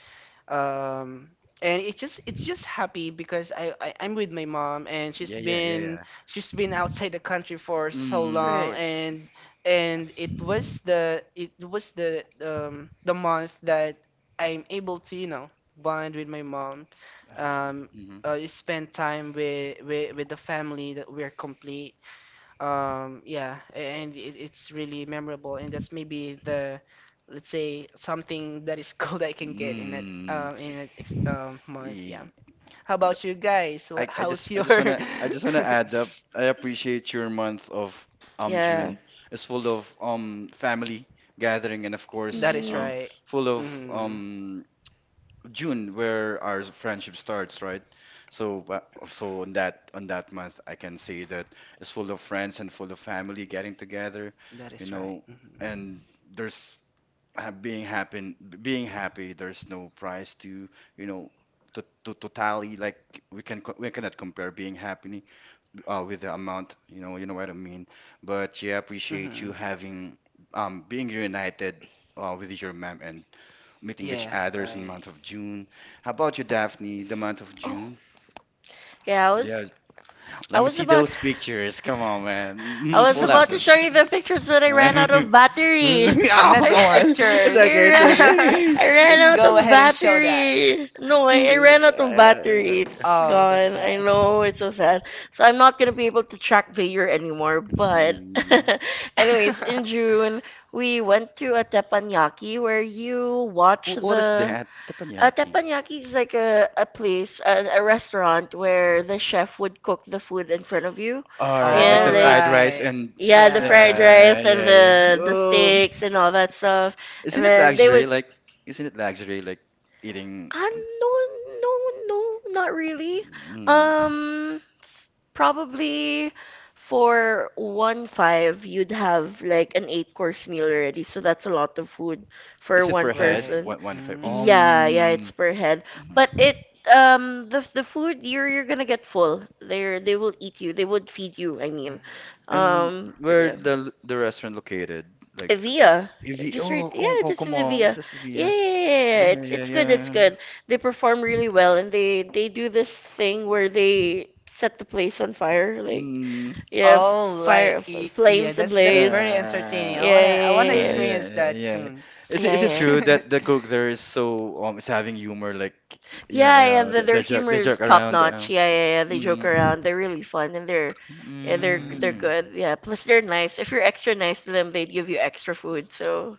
Speaker 3: um and it's just happy because I I'm with my mom, and
Speaker 2: Yeah, yeah, yeah, yeah.
Speaker 3: she's been outside the country for so
Speaker 2: Mm.
Speaker 3: long.
Speaker 1: Right.
Speaker 3: And it was the month that I'm able to, you know, bond with my mom,
Speaker 2: Ah, found.
Speaker 3: um
Speaker 2: Mhm.
Speaker 3: spend time with, with the family, that we're complete, yeah, and it's really memorable. And that's maybe the, let's say, something that is [laughs] cool that I can get
Speaker 2: Mm.
Speaker 3: in that ex month. Yeah.
Speaker 2: E-
Speaker 3: How about you guys? What,
Speaker 2: I, I
Speaker 3: how's
Speaker 2: just, I
Speaker 3: your?
Speaker 2: just wanna, I just wanna
Speaker 3: [laughs]
Speaker 2: add up. I appreciate your month of
Speaker 1: Yeah.
Speaker 2: June. It's full of family gathering and of
Speaker 3: That
Speaker 2: course
Speaker 3: is
Speaker 1: Mhm.
Speaker 3: right.
Speaker 2: full of
Speaker 3: Mhm.
Speaker 2: June where our friendship starts, right? So, so on that month, I can say that it's full of friends and full of family getting together,
Speaker 3: That
Speaker 2: you
Speaker 3: is right.
Speaker 2: know,
Speaker 3: Mhm.
Speaker 2: and there's being happy, being happy. There's no price to, you know, to tally. Like we cannot compare being happy with the amount, you know what I mean. But yeah, appreciate you
Speaker 3: Mhm.
Speaker 2: having being reunited with your mom and meeting each
Speaker 3: Yeah,
Speaker 2: other's in the
Speaker 3: right.
Speaker 2: month of June. How about you, Daphne? The month of
Speaker 1: Oh,
Speaker 2: June?
Speaker 1: yeah.
Speaker 2: Yes.
Speaker 1: I
Speaker 2: Let me
Speaker 1: was
Speaker 2: see
Speaker 1: about
Speaker 2: those pictures. Come on, man.
Speaker 1: I was
Speaker 2: Pull up
Speaker 1: about to
Speaker 2: those.
Speaker 1: show you the pictures when
Speaker 2: [laughs]
Speaker 1: I ran out
Speaker 2: oh,
Speaker 1: of battery.
Speaker 3: [laughs] Another
Speaker 2: come
Speaker 1: I,
Speaker 2: on.
Speaker 1: [laughs]
Speaker 2: It's
Speaker 3: pictures.
Speaker 1: I,
Speaker 2: okay. It's
Speaker 1: ran,
Speaker 3: [laughs]
Speaker 2: okay.
Speaker 1: I ran
Speaker 3: Let's
Speaker 1: out
Speaker 3: go
Speaker 1: of
Speaker 3: ahead and show that.
Speaker 1: battery. No, I ran out of battery.
Speaker 2: [laughs]
Speaker 1: It's
Speaker 3: Oh, that's
Speaker 1: gone. I
Speaker 3: sad.
Speaker 1: know, it's so sad. So I'm not gonna be able to track the year anymore, but [laughs]
Speaker 2: Mm.
Speaker 1: anyways, in
Speaker 3: [laughs]
Speaker 1: June we went to a teppanyaki where you watch
Speaker 2: What is
Speaker 1: the
Speaker 2: that? Teppanyaki.
Speaker 1: teppanyaki is like a place, a restaurant where the chef would cook the food in front of you.
Speaker 2: All right, like
Speaker 1: Yeah,
Speaker 3: All
Speaker 2: the
Speaker 1: like
Speaker 2: fried rice
Speaker 3: right.
Speaker 2: and
Speaker 1: yeah, the fried
Speaker 3: Yeah.
Speaker 2: yeah,
Speaker 1: rice and
Speaker 2: yeah, yeah.
Speaker 1: the
Speaker 2: Oh,
Speaker 1: steaks and all that stuff. And
Speaker 2: isn't it
Speaker 1: then they
Speaker 2: luxury?
Speaker 1: would
Speaker 2: Like, isn't it luxury? Like eating.
Speaker 1: uh, no, no, no, not really.
Speaker 2: Mm,
Speaker 1: Um s- Probably for one five you'd have like an eight course meal already, so that's a lot of food for
Speaker 2: is it
Speaker 1: one
Speaker 2: per head?
Speaker 3: Right.
Speaker 1: person.
Speaker 2: One, one, five.
Speaker 3: Mm.
Speaker 1: Yeah, yeah, it's per head. But it the food you're gonna get full. They will eat you. They would feed you, I mean.
Speaker 3: Mhm.
Speaker 2: And
Speaker 1: But
Speaker 2: where
Speaker 1: yeah.
Speaker 2: the restaurant located? Like
Speaker 1: Evia.
Speaker 2: if Evi
Speaker 1: Just right,
Speaker 2: oh come
Speaker 1: yeah,
Speaker 2: come
Speaker 1: just in the
Speaker 2: como
Speaker 1: Evia.
Speaker 2: sa
Speaker 1: Yeah, yeah,
Speaker 2: Sevilla.
Speaker 1: yeah. Yeah, yeah.
Speaker 2: Yeah, yeah,
Speaker 1: It's good, it's
Speaker 2: yeah.
Speaker 1: good. They perform really well and they do this thing where they set the place on fire, like
Speaker 2: Mm,
Speaker 1: yeah,
Speaker 3: Oh, like yeah,
Speaker 1: flames
Speaker 3: that's very
Speaker 1: ablaze.
Speaker 3: entertaining.
Speaker 2: uh, uh,
Speaker 1: Yeah, yeah,
Speaker 3: I
Speaker 1: yeah.
Speaker 3: wanna
Speaker 1: Yeah,
Speaker 2: yeah,
Speaker 3: experience
Speaker 1: yeah.
Speaker 2: yeah,
Speaker 3: that
Speaker 2: yeah.
Speaker 3: soon. [laughs]
Speaker 1: Yeah.
Speaker 2: Is
Speaker 1: Yeah,
Speaker 2: it
Speaker 1: yeah.
Speaker 2: true that the cook there is so is having humor like you know
Speaker 1: Yeah, yeah,
Speaker 2: they,
Speaker 1: their
Speaker 2: they joke
Speaker 1: humor
Speaker 2: they
Speaker 1: is
Speaker 2: joke
Speaker 1: top
Speaker 2: around
Speaker 1: notch. Yeah, yeah, yeah. They joke
Speaker 2: mm,
Speaker 1: around. They're really fun and they're
Speaker 3: Mhm.
Speaker 2: mm.
Speaker 1: good. Yeah. Plus they're nice. If you're extra nice to them, they'd give you extra food. So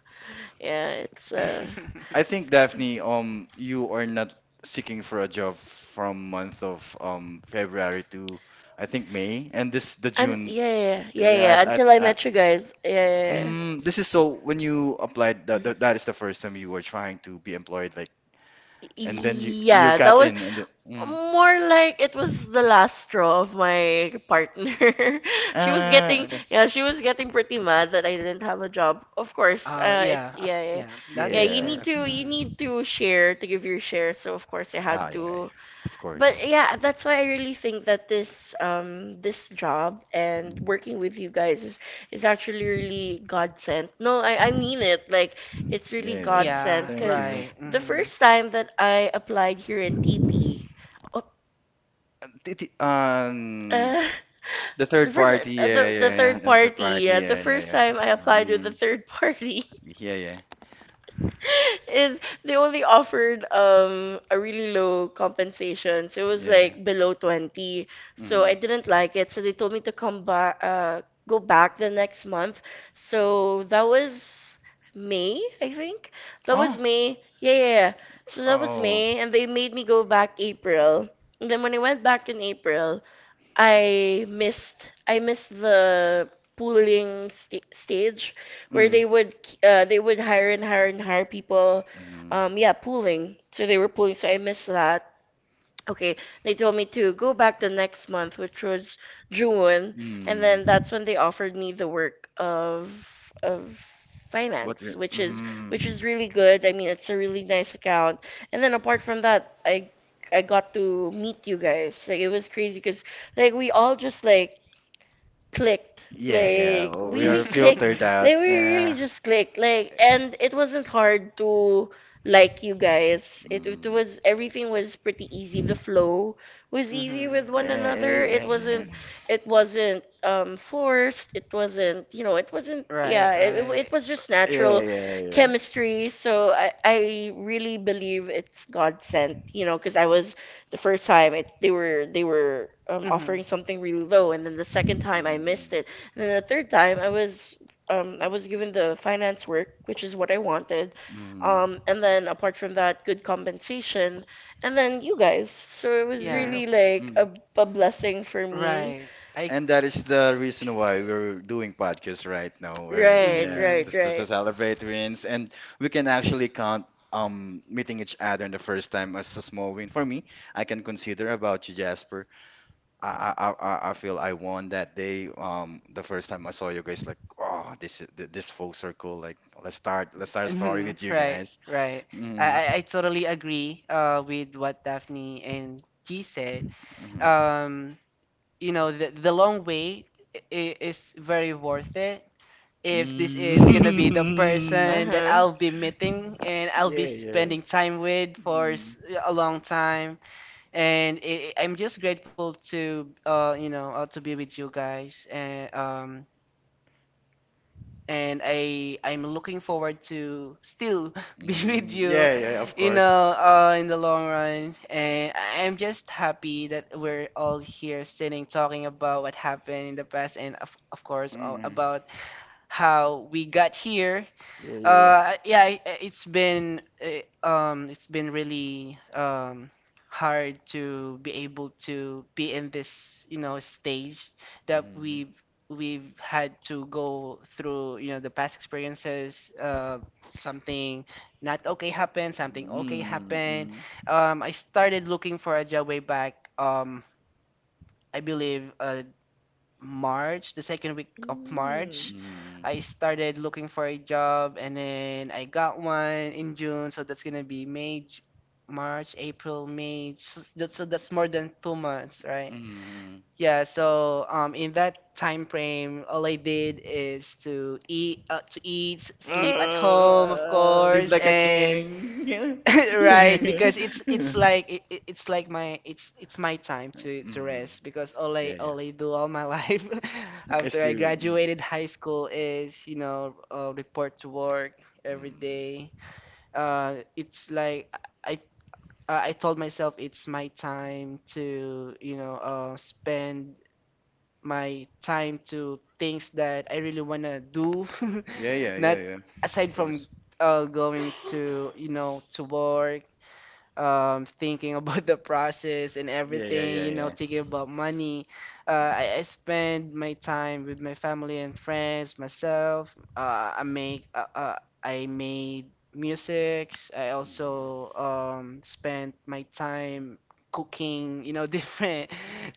Speaker 1: yeah, it's
Speaker 2: I
Speaker 3: [laughs]
Speaker 2: think Daphne you are not seeking for a job from month of February to I think May and this the
Speaker 1: and
Speaker 2: June.
Speaker 1: yeah, yeah, yeah, yeah.
Speaker 2: Yeah,
Speaker 1: Yeah,
Speaker 2: I, I,
Speaker 1: until I
Speaker 2: I,
Speaker 1: met you guys. Yeah, yeah, yeah.
Speaker 2: this is so when you applied that, that that is the first time you were trying to be employed like and then you
Speaker 1: Yeah, that
Speaker 2: got
Speaker 1: was
Speaker 2: in and then
Speaker 1: More like it was the last straw of my partner. [laughs]
Speaker 2: okay.
Speaker 1: Yeah, she was getting pretty mad that I didn't have a job. Of course,
Speaker 3: Yeah,
Speaker 1: yeah, yeah,
Speaker 3: yeah, that
Speaker 1: yeah.
Speaker 3: makes
Speaker 2: Yeah.
Speaker 3: sense.
Speaker 1: You
Speaker 3: Mhm.
Speaker 1: need to share to give your share. So of course I
Speaker 2: Ah
Speaker 1: had
Speaker 2: yeah, yeah.
Speaker 1: to.
Speaker 2: Of course.
Speaker 1: But yeah, that's why I really think that this, this job and
Speaker 2: Mm,
Speaker 1: working with you guys is actually really God sent. No, I mean it. Like it's really
Speaker 2: yeah,
Speaker 1: God
Speaker 2: yeah.
Speaker 1: sent
Speaker 3: Yeah,
Speaker 2: Thank
Speaker 1: because
Speaker 2: you.
Speaker 3: right.
Speaker 1: the
Speaker 3: Mhm.
Speaker 1: first time that I applied here in TP.
Speaker 2: Uh, t- t- Um
Speaker 1: Uh,
Speaker 2: the
Speaker 1: [laughs] the
Speaker 2: third
Speaker 1: first
Speaker 2: party, yeah,
Speaker 1: The
Speaker 2: yeah, yeah.
Speaker 1: third
Speaker 2: The third
Speaker 1: party.
Speaker 2: party,
Speaker 1: Yeah, the
Speaker 2: yeah, yeah,
Speaker 1: first
Speaker 2: yeah.
Speaker 1: time I applied with the
Speaker 2: Um,
Speaker 1: third party
Speaker 2: yeah.
Speaker 1: [laughs] is they only offered a really low compensation. So it was
Speaker 2: Yeah.
Speaker 1: like below 20. So
Speaker 2: Mm.
Speaker 1: I didn't like it. So they told me to come back go back the next month. So that was May, I think. That was
Speaker 2: Oh,
Speaker 1: May. Yeah, yeah, yeah. So that was
Speaker 2: oh.
Speaker 1: May and they made me go back April. And then when I went back in April, I missed the pooling st stage where
Speaker 2: Mm.
Speaker 1: they would hire and hire and hire people.
Speaker 2: Mm.
Speaker 1: Yeah, pooling. So they were pooling. So I missed that. Okay, they told me to go back the next month, which was June, and then
Speaker 2: Mm.
Speaker 1: that's when they offered me the work of of
Speaker 2: What
Speaker 1: finance,
Speaker 2: the-
Speaker 1: which is
Speaker 2: mm.
Speaker 1: really good. I mean, it's a really nice account. And then apart from that, I got to meet you guys. Like it was crazy because like we all just like clicked
Speaker 2: Yeah.
Speaker 1: like
Speaker 2: We
Speaker 1: we
Speaker 2: are
Speaker 1: clicked
Speaker 2: filtered out.
Speaker 1: like
Speaker 3: [laughs]
Speaker 1: we really
Speaker 2: Yeah.
Speaker 1: just clicked like and it wasn't hard to like you guys it
Speaker 2: Mm.
Speaker 1: was everything was pretty easy the flow was easy
Speaker 3: Mhm.
Speaker 1: with one
Speaker 2: Yeah,
Speaker 1: another it
Speaker 2: yeah, yeah.
Speaker 1: wasn't it wasn't um forced it wasn't you know it wasn't
Speaker 3: Right,
Speaker 1: yeah it
Speaker 3: right.
Speaker 1: it was just
Speaker 2: Yeah,
Speaker 1: natural
Speaker 2: yeah, yeah.
Speaker 1: chemistry so I really believe it's God sent you know because I was the first time it they were
Speaker 3: Mhm.
Speaker 1: offering something really low and then the second time I missed
Speaker 2: Mm.
Speaker 1: it and then the third time I was given the finance work which is what I wanted,
Speaker 2: Mm.
Speaker 1: and then apart from that good compensation and then you guys so it was
Speaker 2: Yeah,
Speaker 3: Yeah.
Speaker 2: yeah.
Speaker 1: really like
Speaker 2: Mm.
Speaker 1: a blessing for me.
Speaker 3: Right. I.
Speaker 2: And that is the reason why we're doing podcasts right now. We're
Speaker 1: Right,
Speaker 2: yeah,
Speaker 3: Mhm.
Speaker 1: right,
Speaker 2: just to
Speaker 1: right.
Speaker 2: celebrate wins, and we can actually count meeting each other in the first time as a small win for me. I can consider about you, Jasper. I feel I won that day. The first time I saw you guys, like, oh, this is this full circle. Like, let's start a story
Speaker 3: Mhm.
Speaker 2: with you
Speaker 3: Right. [laughs]
Speaker 2: guys.
Speaker 3: Right. I,
Speaker 2: Mm,
Speaker 3: I I totally agree with what Daphne and G said.
Speaker 2: mhm.
Speaker 3: Um, you know, the long wait is very worth it if this is gonna be the person
Speaker 2: Mm. [laughs]
Speaker 3: that
Speaker 1: Uh-huh.
Speaker 3: I'll be meeting and I'll be
Speaker 2: Yeah.
Speaker 3: spending time with for
Speaker 2: Mm,
Speaker 3: a long time. And I'm just grateful to, you know, to be with you guys. And I I'm looking forward to still [laughs] be with you,
Speaker 2: yeah. Of
Speaker 3: you
Speaker 2: course.
Speaker 3: know, in the long run. And I- I'm just happy that we're all here sitting talking about what happened in the past and, of course,
Speaker 2: Mm,
Speaker 3: about how we got here.
Speaker 2: yeah.
Speaker 3: Yeah, it's been it's been really, hard to be able to be in this, you know, stage that
Speaker 2: Hmm.
Speaker 3: we've had to go through, you know, the past experiences. Something not okay happened, something okay
Speaker 2: mm,
Speaker 3: happened.
Speaker 2: mm,
Speaker 3: I started looking for a job way back. I believe, March, the second week of
Speaker 1: Mm.
Speaker 3: March, I
Speaker 2: mm,
Speaker 3: started looking for a job, and then I got one in June. So that's gonna be May, March, April, May. So that's more than 2 months, right?
Speaker 2: mm.
Speaker 3: Yeah, so in that time frame, all I did is to eat, sleep at home, of
Speaker 2: Live
Speaker 3: course,
Speaker 2: like a
Speaker 3: and
Speaker 2: king. Yeah.
Speaker 3: [laughs] right,
Speaker 2: Yeah.
Speaker 3: because it's
Speaker 2: [laughs]
Speaker 3: it's like it- it's like my it's my time to
Speaker 2: Mm.
Speaker 3: rest, because all I,
Speaker 2: Yeah.
Speaker 3: all I do, all my [laughs] life
Speaker 2: It's
Speaker 3: after I
Speaker 2: too. Mm.
Speaker 3: graduated high school is, you know, report to work every
Speaker 2: Mm.
Speaker 3: day. It's like I I told myself it's my time to, you know, spend my time to things that I really wanna do. [laughs]
Speaker 2: Yeah, yeah, yeah,
Speaker 3: Not
Speaker 2: yeah. Of
Speaker 3: aside from,
Speaker 2: course.
Speaker 3: going to, you know, to work, thinking [laughs] about the process and
Speaker 2: Yeah, yeah,
Speaker 3: everything,
Speaker 2: yeah,
Speaker 3: you know,
Speaker 2: yeah.
Speaker 3: thinking about money. I spend my time with my family and friends, myself. I make I made musics. I
Speaker 2: Mm.
Speaker 3: also, spent my time cooking, you know, [laughs] different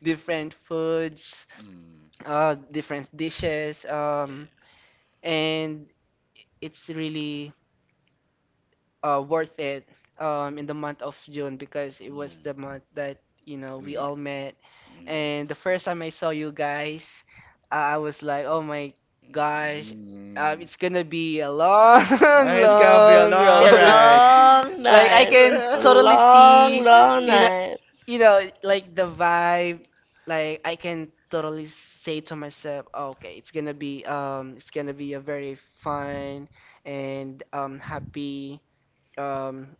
Speaker 3: different foods,
Speaker 2: Mm.
Speaker 3: different dishes,
Speaker 2: Yeah,
Speaker 3: and it's really worth it, in the month of June, because it
Speaker 2: yeah.
Speaker 3: was the
Speaker 2: Mm.
Speaker 3: month that, you know, we
Speaker 2: We.
Speaker 3: all met.
Speaker 2: Mm.
Speaker 3: And the first time I saw you guys, I was like, oh my gosh,
Speaker 2: Mm.
Speaker 3: it's gonna be a long, [laughs]
Speaker 2: Ah, it's gonna be a
Speaker 3: long
Speaker 2: long
Speaker 1: A
Speaker 3: road. [laughs]
Speaker 2: ride.
Speaker 1: long
Speaker 3: Like I
Speaker 1: night.
Speaker 3: can
Speaker 1: A
Speaker 3: totally
Speaker 2: [laughs]
Speaker 1: long,
Speaker 3: see,
Speaker 1: long
Speaker 3: you know,
Speaker 1: night.
Speaker 3: you know, like the vibe, like I can totally say to myself, okay, it's gonna be, it's gonna be a very fun and, happy, um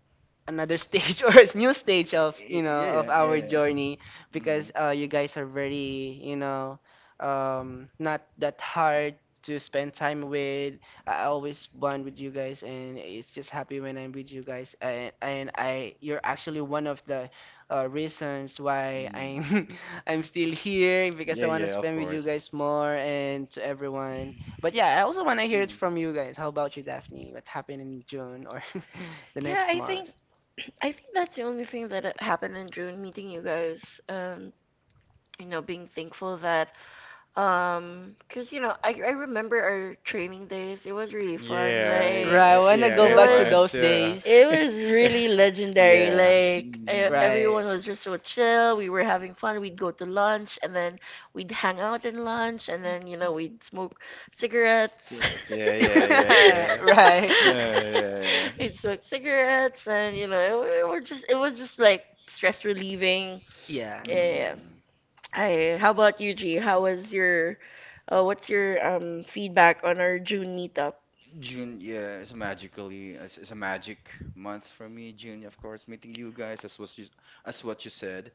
Speaker 3: another stage [laughs] or a new stage of,
Speaker 2: Y-
Speaker 3: you know,
Speaker 2: Yeah,
Speaker 3: of
Speaker 2: yeah,
Speaker 3: our
Speaker 2: yeah.
Speaker 3: journey,
Speaker 2: Mm.
Speaker 3: because you guys are very, you know, not that hard to spend time with. I always bond with you guys, and it's just happy when I'm with you guys. You're actually one of the, reasons why
Speaker 2: Mm.
Speaker 3: I'm [laughs] I'm still here, because I
Speaker 2: Yeah,
Speaker 3: want to
Speaker 2: yeah, of
Speaker 3: spend with you
Speaker 2: course.
Speaker 3: guys more, and to everyone. But yeah, I also want to hear it
Speaker 2: Mm-hmm.
Speaker 3: from you guys. How about you, Daphne? What happened in June, or [laughs] the
Speaker 1: Yeah,
Speaker 3: next
Speaker 1: I
Speaker 3: month?
Speaker 1: think that's the only thing that happened in June, meeting you guys. You know, being thankful that cause you know, I remember our training days. It was really fun.
Speaker 2: Yeah,
Speaker 1: Like,
Speaker 3: Right, I
Speaker 2: yeah,
Speaker 3: wanna
Speaker 2: yeah,
Speaker 3: go
Speaker 1: it
Speaker 2: it
Speaker 3: back to those
Speaker 1: was
Speaker 2: was. Yeah.
Speaker 3: days.
Speaker 1: it was really
Speaker 2: [laughs]
Speaker 1: legendary.
Speaker 2: Yeah.
Speaker 1: Like,
Speaker 2: Mm-hmm.
Speaker 1: everyone
Speaker 3: Right.
Speaker 1: was just so chill. We were having fun. We'd go to lunch and then we'd hang out in lunch and then, you know, we'd smoke cigarettes.
Speaker 2: Yeah, yeah,
Speaker 1: [laughs]
Speaker 2: yeah, yeah.
Speaker 3: [laughs] right.
Speaker 2: Yeah.
Speaker 1: We'd smoke cigarettes and, you know, it was just like stress relieving.
Speaker 3: Yeah. Mhm.
Speaker 1: Yeah.
Speaker 2: Mm.
Speaker 1: Yeah, yeah. Hi, how about you, G? How was your, what's your feedback on our June meetup?
Speaker 2: June, yeah, it's a magically, it's a magic month for me. June, of course, meeting you guys, as what you said,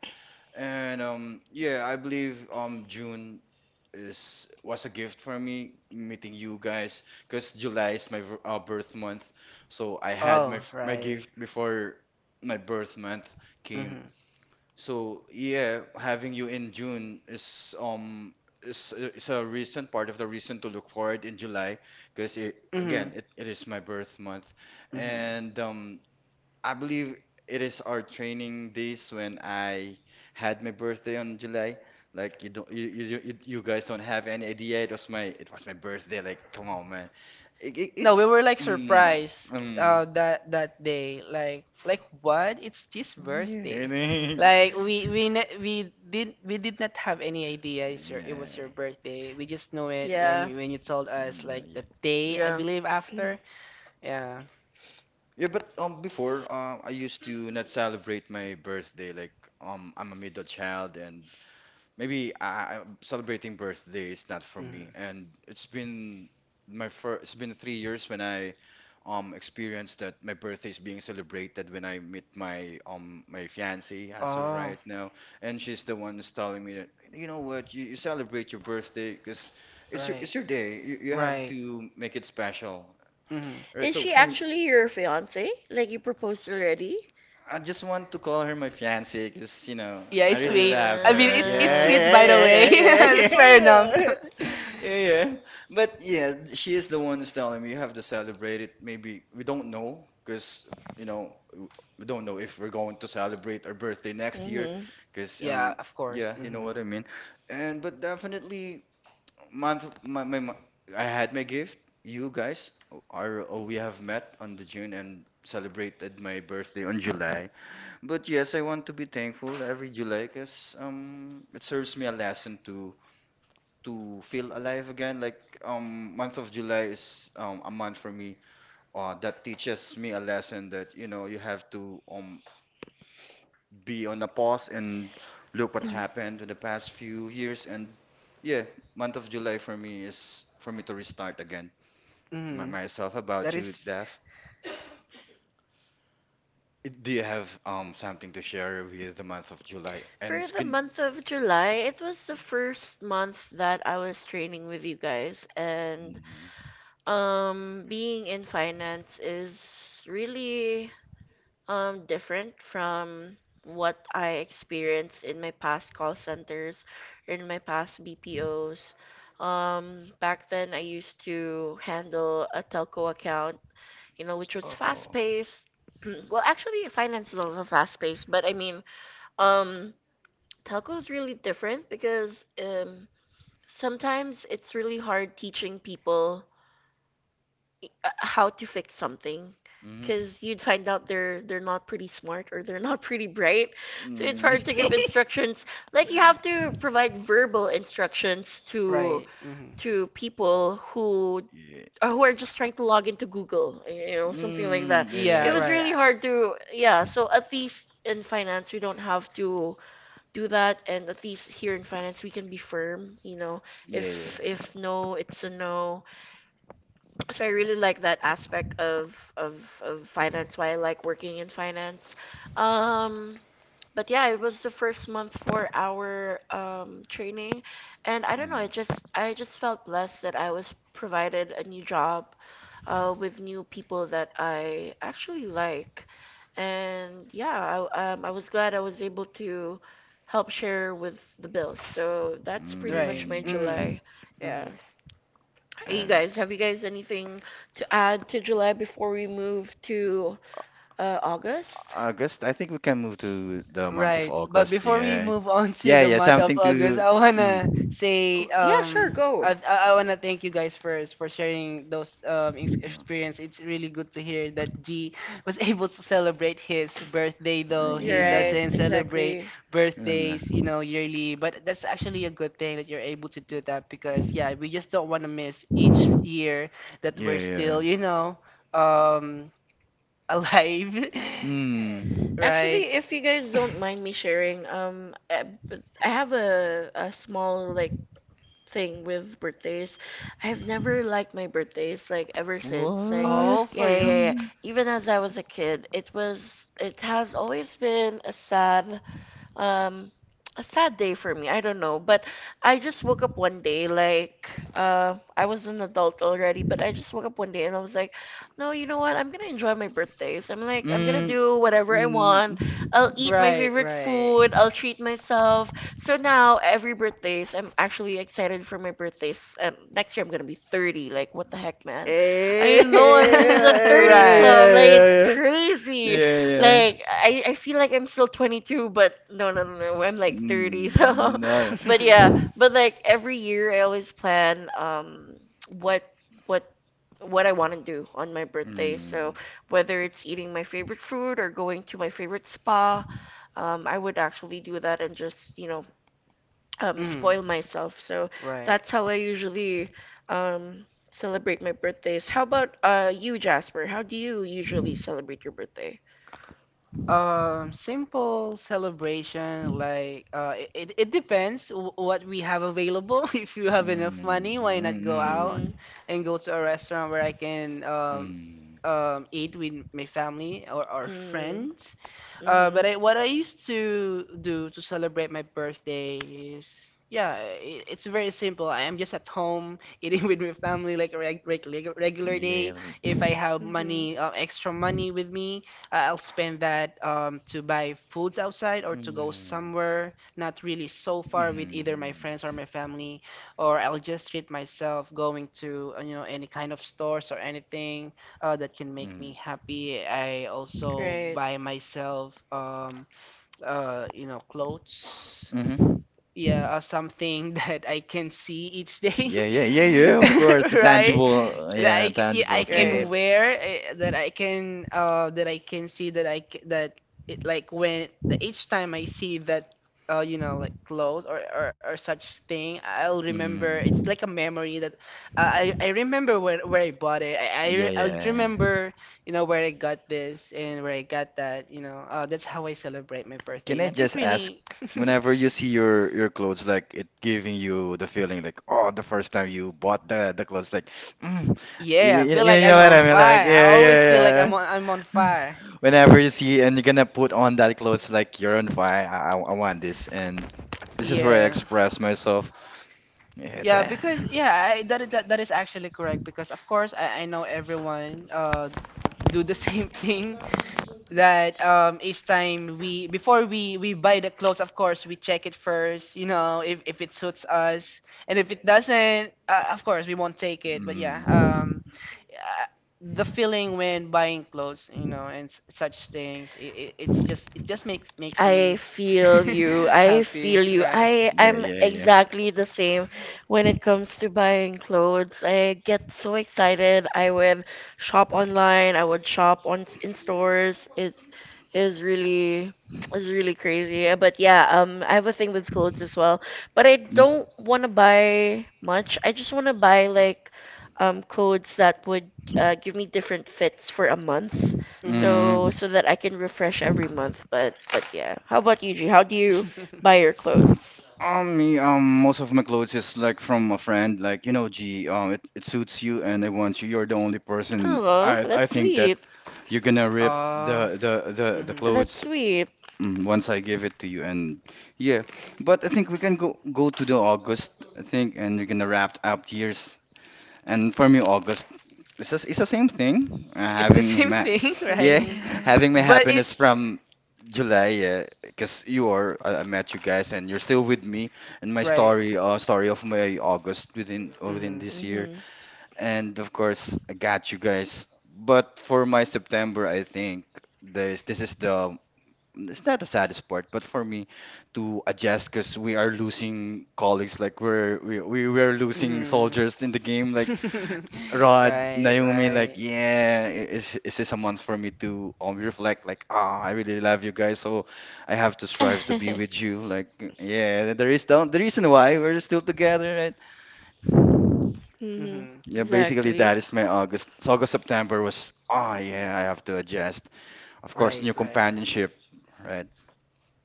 Speaker 2: and yeah, I believe June is was a gift for me meeting you guys because July is my birth month. So I had my
Speaker 3: Oh,
Speaker 2: my
Speaker 3: right.
Speaker 2: gift before my birth month came.
Speaker 3: Mhm.
Speaker 2: So yeah, having you in June is a reason part of the reason to look forward in July because it
Speaker 3: Mhm.
Speaker 2: again it, it is my birth month
Speaker 3: Mhm.
Speaker 2: and I believe it is our training days when I had my birthday on July. Like you don't, you guys don't have any idea. It was my birthday. Like come on, man. It, it,
Speaker 3: No, we
Speaker 2: it's
Speaker 3: were like
Speaker 2: mm,
Speaker 3: surprised
Speaker 2: um
Speaker 3: that that day. Like what? It's his
Speaker 2: yeah
Speaker 3: birthday.
Speaker 2: [laughs]
Speaker 3: Like we did, we did not have any idea it's your, it was your
Speaker 2: yeah.
Speaker 3: birthday. We just knew it when
Speaker 1: Yeah,
Speaker 3: you, when you told us
Speaker 2: No,
Speaker 3: like
Speaker 2: yeah.
Speaker 3: the day, I
Speaker 1: yeah.
Speaker 3: believe, after. Yeah.
Speaker 2: Yeah, but before I used to not celebrate my birthday like I'm a middle child and maybe celebrating birthday is not for me,
Speaker 3: Mhm.
Speaker 2: and it's been my first. It's been 3 years when I experienced that my birthday is being celebrated when I meet my my fiancée as of
Speaker 3: Oh.
Speaker 2: right now, and she's the one who's telling me that you know what you celebrate your birthday because
Speaker 3: Right.
Speaker 2: it's your day. You have
Speaker 3: Right.
Speaker 2: to make it special.
Speaker 3: Hmm.
Speaker 2: All right,
Speaker 1: Is
Speaker 2: so
Speaker 1: she
Speaker 2: for me,
Speaker 1: actually your fiance? Like you proposed already?
Speaker 2: I just want to call her my fiance because, you know,
Speaker 3: Yeah,
Speaker 2: I
Speaker 3: it's
Speaker 2: really
Speaker 3: sweet.
Speaker 2: loved
Speaker 1: Uh,
Speaker 3: I mean,
Speaker 2: her. Yeah,
Speaker 3: it's sweet,
Speaker 2: yeah,
Speaker 3: by the way.
Speaker 2: yeah,
Speaker 3: [laughs]
Speaker 2: yeah, yeah,
Speaker 3: That's fair enough.
Speaker 2: yeah. [laughs]
Speaker 3: [laughs]
Speaker 2: Yeah. But yeah, she is the one who's telling me you have to celebrate it. Maybe we don't know because, you know, we don't know if we're going to celebrate our birthday next year
Speaker 1: mm-hmm.
Speaker 2: because,
Speaker 3: Yeah, of course.
Speaker 2: yeah, you know
Speaker 3: Hmm.
Speaker 2: what I mean. And but definitely, month my, my, my I had my gift. You guys are, oh, we have met on the June and celebrated my birthday on July. But yes, I want to be thankful every July because it serves me a lesson to feel alive again. Like month of July is a month for me that teaches me a lesson that you know you have to be on a pause and look what happened in the past few years and yeah, month of July for me is for me to restart again my,
Speaker 3: Hmm.
Speaker 2: myself.
Speaker 3: That
Speaker 2: About you,
Speaker 3: is
Speaker 2: Daph, do you have something to share with the month of July and
Speaker 1: For the
Speaker 2: skin?
Speaker 1: month of July, it was the first month that I was training with you guys, and
Speaker 2: Mm-hmm.
Speaker 1: being in finance is really different from what I experienced in my past call centers or in my past BPOs. Back then, I used to handle a telco account, you know, which was fast
Speaker 2: Oh.
Speaker 1: paced. [clears throat] Well, actually, finance is also fast paced, but I mean, um, telco is really different because sometimes it's really hard teaching people how to fix something
Speaker 2: Mm-hmm.
Speaker 1: because you'd find out they're not pretty smart or they're not [laughs] pretty bright, so it's
Speaker 2: Mm.
Speaker 1: hard to give
Speaker 2: [laughs]
Speaker 1: instructions, like you have to provide verbal instructions to
Speaker 3: right. Hmm.
Speaker 1: people
Speaker 2: Yeah.
Speaker 1: who are just trying to log into Google, you know, something like that.
Speaker 2: Mm. Yeah, yeah,
Speaker 3: Yeah,
Speaker 1: It
Speaker 2: yeah.
Speaker 1: was
Speaker 3: right.
Speaker 1: really hard to, yeah, so at least in finance we don't have to do that, and at least here in finance we can be firm, you know,
Speaker 2: Yeah,
Speaker 1: if
Speaker 2: yeah.
Speaker 1: no it's a no. So I really like that aspect of of finance, why I like working in finance. um but yeah, it was the first month for our training, and I don't know.
Speaker 2: Mm.
Speaker 1: I just felt blessed that I was provided a new job, with new people that I actually like, and yeah, I was glad I was able to help share with the bills. So that's pretty much
Speaker 3: Right.
Speaker 1: my
Speaker 3: Hmm.
Speaker 2: Mm.
Speaker 1: July. Yeah.
Speaker 3: Hmm.
Speaker 1: Hey, you
Speaker 2: And
Speaker 1: guys, have you guys anything to add to July before we move to August?
Speaker 2: August, I think we can move to the month of
Speaker 3: Right. But
Speaker 2: August.
Speaker 3: before we
Speaker 2: Yeah.
Speaker 3: move on [laughs] to
Speaker 2: Yeah,
Speaker 3: the
Speaker 2: yeah,
Speaker 3: month of
Speaker 2: something
Speaker 3: August,
Speaker 2: to
Speaker 3: I wanna
Speaker 2: mm.
Speaker 3: say,
Speaker 1: Oh, yeah, sure,
Speaker 3: um,
Speaker 1: go.
Speaker 3: I wanna thank you guys first for sharing those ex experience. It's really good to hear that G [laughs] was able to celebrate his birthday, though
Speaker 1: You're
Speaker 3: he
Speaker 2: Yeah.
Speaker 1: right,
Speaker 3: doesn't celebrate
Speaker 1: exactly.
Speaker 3: birthdays,
Speaker 2: Uh,
Speaker 3: you know, yearly. But that's actually a good thing that you're able to do that, because yeah, we just don't wanna miss each year that we're
Speaker 2: yeah.
Speaker 3: still, you know, um, alive. [laughs]
Speaker 2: Mm.
Speaker 1: Actually,
Speaker 3: Right.
Speaker 1: if you guys don't mind me sharing, I have a small like thing with birthdays. I've never liked my birthdays like ever since. Like,
Speaker 2: What?
Speaker 3: Oh,
Speaker 1: yeah,
Speaker 3: for
Speaker 1: yeah,
Speaker 3: real?
Speaker 1: yeah. Yeah.
Speaker 2: Mm.
Speaker 1: Even as I was a kid, it has always been um a sad day for me. I don't know, but I just woke up one day like I was an adult already, but I just woke up one day and I was like, "No, you know what? I'm gonna enjoy my birthdays. I'm gonna
Speaker 2: Mm.
Speaker 1: do whatever I
Speaker 2: Mm.
Speaker 1: want. I'll eat my
Speaker 3: Right,
Speaker 1: favorite
Speaker 3: right.
Speaker 1: food. I'll treat myself." So now every birthdays, I'm actually excited for my birthdays. Next year I'm gonna be 30. Like what the heck, man? I
Speaker 2: [laughs]
Speaker 1: know I'm gonna be in the
Speaker 3: [laughs]
Speaker 2: Yeah,
Speaker 1: 30s
Speaker 3: right.
Speaker 1: club.
Speaker 2: yeah,
Speaker 1: Like it's
Speaker 2: yeah, yeah.
Speaker 1: crazy.
Speaker 2: Yeah.
Speaker 1: Like I feel like I'm still 22, but no, no, no, no, I'm like 30. [laughs]
Speaker 2: Mm,
Speaker 1: So,
Speaker 2: no.
Speaker 1: but yeah,
Speaker 3: [laughs]
Speaker 1: but like every year I always plan what what what I want to do on my birthday. So
Speaker 2: Mm,
Speaker 1: whether it's eating my favorite food or going to my favorite spa, I would actually do that and just,
Speaker 3: Hmm.
Speaker 1: spoil myself. So
Speaker 3: Right.
Speaker 1: that's how I usually celebrate my birthdays. How about you, Jasper? How do you usually celebrate your birthday?
Speaker 3: Simple celebration, like, it it depends w what we have available. [laughs] If you have enough
Speaker 2: mm,
Speaker 3: money, why not go
Speaker 2: mm,
Speaker 3: out and go to a restaurant where I can,
Speaker 2: mm,
Speaker 3: eat with my family, or
Speaker 1: Mm.
Speaker 3: friends?
Speaker 1: Mhm. Mhm.
Speaker 3: But I, what I used to do to celebrate my birthday is, yeah, I it's very simple. I am just at home eating [laughs] with my family like a regular day.
Speaker 2: yeah, mm,
Speaker 3: If I have money, extra money with me, I'll spend that, to buy foods outside, or to go
Speaker 2: mm,
Speaker 3: somewhere not really so far with either my friends or my family, or I'll just treat myself going to, you know, any kind of stores or anything that can make me
Speaker 2: mm,
Speaker 3: happy. I also
Speaker 1: Right.
Speaker 3: buy myself, you know, clothes,
Speaker 2: mm-hmm.
Speaker 3: yeah, something [laughs] that I can see each day,
Speaker 2: Yeah, yeah, yeah, yeah, of course,
Speaker 3: [laughs]
Speaker 2: the
Speaker 3: right?
Speaker 2: tangible,
Speaker 3: That
Speaker 2: yeah,
Speaker 3: yeah, I
Speaker 2: tangibles.
Speaker 3: can
Speaker 2: Mm,
Speaker 3: wear, that I can, that I can see, that that
Speaker 1: Right.
Speaker 3: it, like, when that, each time I see that, you know, like clothes, or such thing, I'll remember. It's
Speaker 2: mm.
Speaker 3: like a memory that I remember where I bought it.
Speaker 2: Yeah,
Speaker 3: I'll
Speaker 2: yeah. yeah.
Speaker 3: remember, you know, where I got this and where I got that. You know, that's how I celebrate my
Speaker 2: Can
Speaker 3: birthday.
Speaker 2: I
Speaker 3: Nothing
Speaker 2: just ask,
Speaker 3: really. [laughs]
Speaker 2: whenever you see your clothes, like it giving you the feeling like, oh, the first time you bought the clothes, like, mm, you,
Speaker 3: Yeah, I feel like
Speaker 2: you know
Speaker 3: I'm
Speaker 2: what
Speaker 3: on
Speaker 2: I mean? Like,
Speaker 3: fire. I
Speaker 2: yeah, yeah,
Speaker 3: always feel like
Speaker 2: yeah.
Speaker 3: I'm on fire.
Speaker 2: Whenever you see and you're gonna put on that clothes like you're on fire, I want this, and this is where I
Speaker 3: Yeah.
Speaker 2: express myself. Yeah,
Speaker 3: Yeah,
Speaker 2: damn.
Speaker 3: because yeah, I, that is that, that is actually correct, because of course I know everyone do the [laughs] same thing, that, um, each time we, before we buy the clothes, of course we check it first, you know, if it suits us. And if it doesn't, of course we won't take it, but
Speaker 2: Mm.
Speaker 3: yeah, um uh, the feeling when buying clothes, you know, and such things, it's just it just makes makes
Speaker 1: I
Speaker 3: me
Speaker 1: feel you.
Speaker 3: [laughs]
Speaker 1: I
Speaker 3: happy,
Speaker 1: feel you.
Speaker 3: right.
Speaker 1: I
Speaker 2: Yeah,
Speaker 1: I'm
Speaker 2: yeah,
Speaker 1: exactly the same when it comes to buying clothes. I get so excited. I would shop online. I would shop on in stores. It is really is really crazy. But yeah, I have a thing with clothes as well. But I
Speaker 2: yeah.
Speaker 1: don't want to buy much. I just want to buy like clothes that would give me different fits for a month
Speaker 3: Mhm.
Speaker 1: so
Speaker 2: Mm.
Speaker 1: so that I can refresh every month. But yeah, how about you, G? How do you buy
Speaker 3: [laughs]
Speaker 1: your clothes?
Speaker 2: Most of my clothes is like from a friend, like you know, G, it suits you, and I want you. You're the only person.
Speaker 1: Oh,
Speaker 2: I
Speaker 1: that's
Speaker 2: think that
Speaker 1: sweet.
Speaker 2: you're gonna rip
Speaker 3: oh.
Speaker 2: the the
Speaker 3: Mhm.
Speaker 1: That's
Speaker 2: clothes
Speaker 1: sweet.
Speaker 2: mm, once I give it to you, and yeah. But I think we can go to the August, I think, and we're gonna wrap up years. And for me, August it's it's the same thing.
Speaker 3: It's the
Speaker 2: Having
Speaker 3: same
Speaker 2: my
Speaker 3: thing [laughs] right.
Speaker 2: yeah,
Speaker 1: Mhm.
Speaker 2: [laughs] having my
Speaker 3: But it.
Speaker 2: happiness from July, yeah, because you are I met you guys and you're still with me and my
Speaker 3: Right.
Speaker 2: story, story of my August within within
Speaker 3: Mm-hmm.
Speaker 2: this year.
Speaker 1: Mhm.
Speaker 2: And of course, I got you guys. But for my September, I think this is the it's not the saddest part, but for me to adjust because we are losing colleagues, like we were losing soldiers in
Speaker 3: Mm-hmm.
Speaker 2: the game, like.
Speaker 3: [laughs]
Speaker 2: Rod,
Speaker 3: Right,
Speaker 2: Naomi, like,
Speaker 3: right.
Speaker 2: yeah, is this a month for me to reflect? Like, ah, I really love you guys, so I have to strive to be with
Speaker 1: [laughs]
Speaker 2: you. Like, yeah, there is the reason why we're still together, right?
Speaker 1: mhm.
Speaker 3: Mm-hmm.
Speaker 2: Yeah, basically
Speaker 1: Exactly.
Speaker 2: that is my August. So August, September was, ah, yeah, I have to adjust. Of course,
Speaker 3: Right,
Speaker 2: new
Speaker 3: right.
Speaker 2: companionship, right?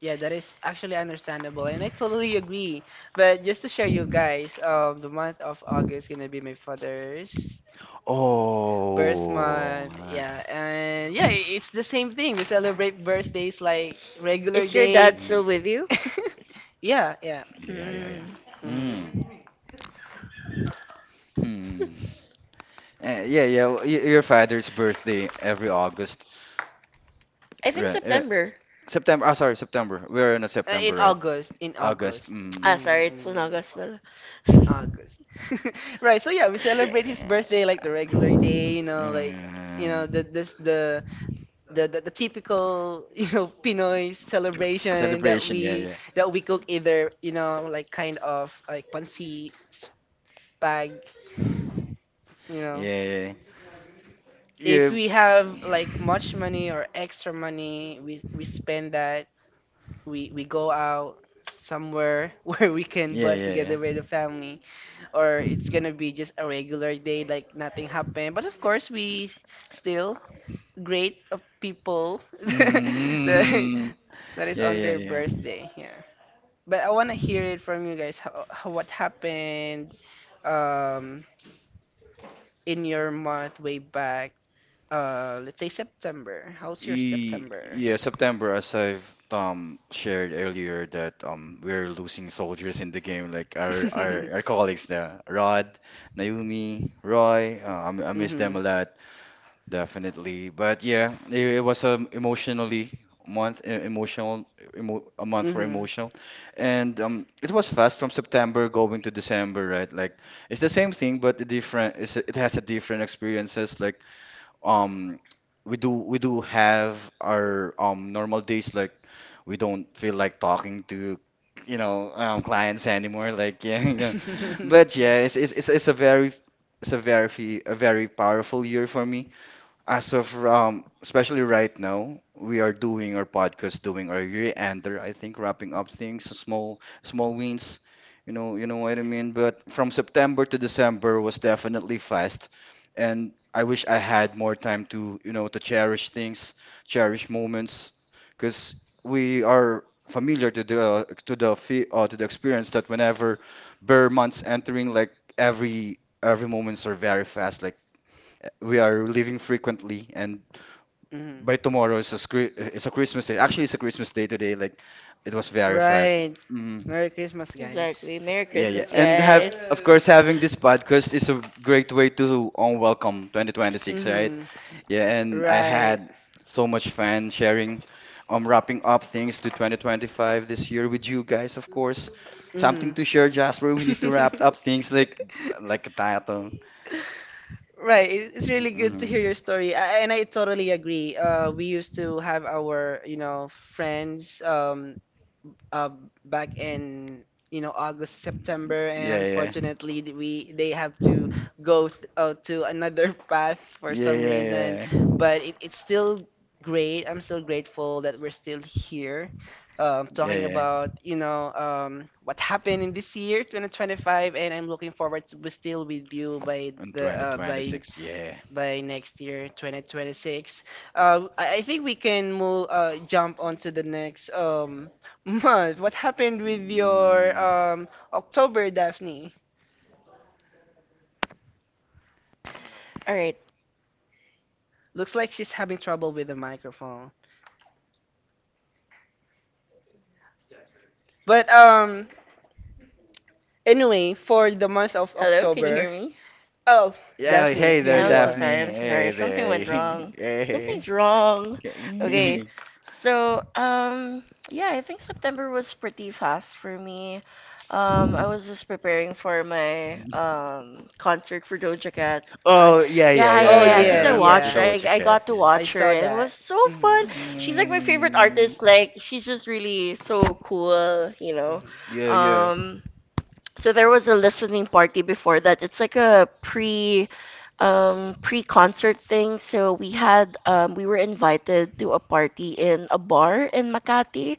Speaker 3: Yeah, that is actually understandable, and I totally agree. But just to share you guys, the month of August gonna be my father's birth
Speaker 2: Oh,
Speaker 3: month. Yeah, and yeah, it's the same thing. We celebrate birthdays like regular
Speaker 1: Is your
Speaker 3: day.
Speaker 1: dad
Speaker 2: mm,
Speaker 1: still with you?
Speaker 3: [laughs] Yeah, yeah.
Speaker 2: yeah, yeah,
Speaker 1: Hmm.
Speaker 2: yeah.
Speaker 3: Mm-hmm.
Speaker 2: Mm, hmm. Yeah, yeah. Your father's birthday every August.
Speaker 1: I think
Speaker 2: Right, right?
Speaker 1: September.
Speaker 2: September. Oh, sorry, September. We're in a September,
Speaker 3: In
Speaker 2: right?
Speaker 3: August, in
Speaker 2: August.
Speaker 3: August.
Speaker 2: Mm.
Speaker 1: Ah,
Speaker 3: Mm,
Speaker 1: sorry, it's in
Speaker 3: mm,
Speaker 1: August pala.
Speaker 3: in
Speaker 1: [laughs]
Speaker 3: August. [laughs] Right, so yeah, we celebrate his
Speaker 2: Yeah.
Speaker 3: birthday like the regular day, you know, like, you know, the
Speaker 2: Mm.
Speaker 3: this the typical [laughs] you know Pinoy celebration
Speaker 2: Celebration. Yeah, yeah,
Speaker 3: that we cook, either, you know, like kind of like pancit, spag, you know.
Speaker 2: yeah,
Speaker 3: If
Speaker 2: yeah, yeah,
Speaker 3: we have like much money or extra money, we spend that, we go out somewhere [laughs] where we can
Speaker 2: yeah,
Speaker 3: bond
Speaker 2: yeah,
Speaker 3: together with
Speaker 2: yeah.
Speaker 3: the family, or it's gonna be just a regular day like nothing happened, but of course we still great of people [laughs] that,
Speaker 2: Mm.
Speaker 3: that is
Speaker 2: Yeah,
Speaker 3: on
Speaker 2: yeah,
Speaker 3: their
Speaker 2: yeah.
Speaker 3: birthday, yeah. But I want to hear it from you guys, how what happened, um in your month way back, let's say september, how's your
Speaker 2: E
Speaker 3: september?
Speaker 2: Yeah, September, as I've shared earlier, that we're losing soldiers in the game, like
Speaker 3: [laughs]
Speaker 2: our colleagues there, Rod, Naomi, Roy. I miss them a
Speaker 3: Mhm.
Speaker 2: lot. Definitely. But yeah, it was emotionally month emotional emo, a month for
Speaker 3: Mhm.
Speaker 2: emotional. And it was fast from September going to December, right? Like it's the same thing but a different it's, it has a different experiences like um we do have our normal days like we don't feel like talking to you know clients anymore like yeah [laughs] you know. But yeah,
Speaker 3: [laughs]
Speaker 2: it's a very powerful year for me as of especially right now, we are doing our podcast, doing our year-ender. I think wrapping up things, so small wins. You know what I mean. But from September to December was definitely fast, and I wish I had more time to you know to cherish things, cherish moments, because we are familiar to the to the experience that whenever bare months entering, like every moments are very fast. Like we are leaving frequently, and
Speaker 3: Mhm.
Speaker 2: by tomorrow is a it's a Christmas day. Actually, it's a Christmas day today. Like, it was very fast.
Speaker 3: Right.
Speaker 2: Mm,
Speaker 3: Merry Christmas, guys.
Speaker 1: exactly. Merry
Speaker 2: yeah, yeah,
Speaker 1: Christmas,
Speaker 2: and have
Speaker 1: guys.
Speaker 2: of course having this podcast is a great way to welcome 2026, right?
Speaker 3: Mhm.
Speaker 2: Yeah, and I
Speaker 3: Right.
Speaker 2: had so much fun sharing, wrapping up things to 2025 this year with you guys. Of course, something
Speaker 3: Mhm.
Speaker 2: to share, Jasper. We need to wrap up things
Speaker 3: [laughs]
Speaker 2: like a title.
Speaker 3: Right, it's really good to hear
Speaker 2: Hmm.
Speaker 3: your story, I, and I totally agree. We used to have our, you know, friends. Uh, back in, you know, August, September,
Speaker 2: Yeah,
Speaker 3: and
Speaker 2: yeah,
Speaker 3: unfortunately th- we they have to go th to another [laughs] path for
Speaker 2: yeah,
Speaker 3: some
Speaker 2: yeah,
Speaker 3: reason.
Speaker 2: yeah,
Speaker 3: But it, it's still great. I'm still grateful that we're still here,
Speaker 2: yeah,
Speaker 3: talking
Speaker 2: yeah.
Speaker 3: about, you know, what happened in this year, 2025, and I'm looking forward to be still with you by
Speaker 2: In
Speaker 3: the,
Speaker 2: 2026, yeah.
Speaker 3: by next year, 2026. I think we can move, jump on to the next, [laughs] month. What happened with your,
Speaker 2: Mm.
Speaker 3: October, Daphne?
Speaker 1: All right.
Speaker 3: Looks like she's having trouble with the microphone. But anyway, for the month of
Speaker 1: Hello, can you
Speaker 3: October.
Speaker 1: hear me?
Speaker 3: Oh,
Speaker 2: Yeah,
Speaker 3: Daphne,
Speaker 2: hey
Speaker 3: here
Speaker 2: there,
Speaker 3: you
Speaker 1: I'm so
Speaker 3: are.
Speaker 2: Daphne.
Speaker 1: sorry. I'm so
Speaker 2: Hey
Speaker 1: sorry. Something
Speaker 2: there. [laughs]
Speaker 1: went wrong.
Speaker 2: Hey.
Speaker 1: Something's wrong. Okay.
Speaker 2: Okay.
Speaker 1: So, yeah, I think September was pretty fast for me. I was just preparing for my
Speaker 2: [laughs]
Speaker 1: concert for Doja Cat. Uh,
Speaker 2: Oh, yeah, yeah,
Speaker 1: yeah, yeah,
Speaker 3: Oh,
Speaker 1: yeah.
Speaker 2: yeah, yeah, I
Speaker 1: Cause
Speaker 3: yeah,
Speaker 1: I
Speaker 2: remember the
Speaker 1: watched,
Speaker 3: yeah.
Speaker 1: I
Speaker 2: Doja
Speaker 1: got
Speaker 2: Cat,
Speaker 1: to
Speaker 2: yeah.
Speaker 3: I
Speaker 1: watch her,
Speaker 3: saw
Speaker 1: and it
Speaker 3: that.
Speaker 1: was so
Speaker 3: Hmm.
Speaker 1: fun. She's like my favorite artist.
Speaker 2: Mm.
Speaker 1: Like she's just really so cool, you know.
Speaker 2: Yeah, yeah.
Speaker 1: Um, so there was a listening party before that. It's like a pre-concert thing. So we had we were invited to a party in a bar in Makati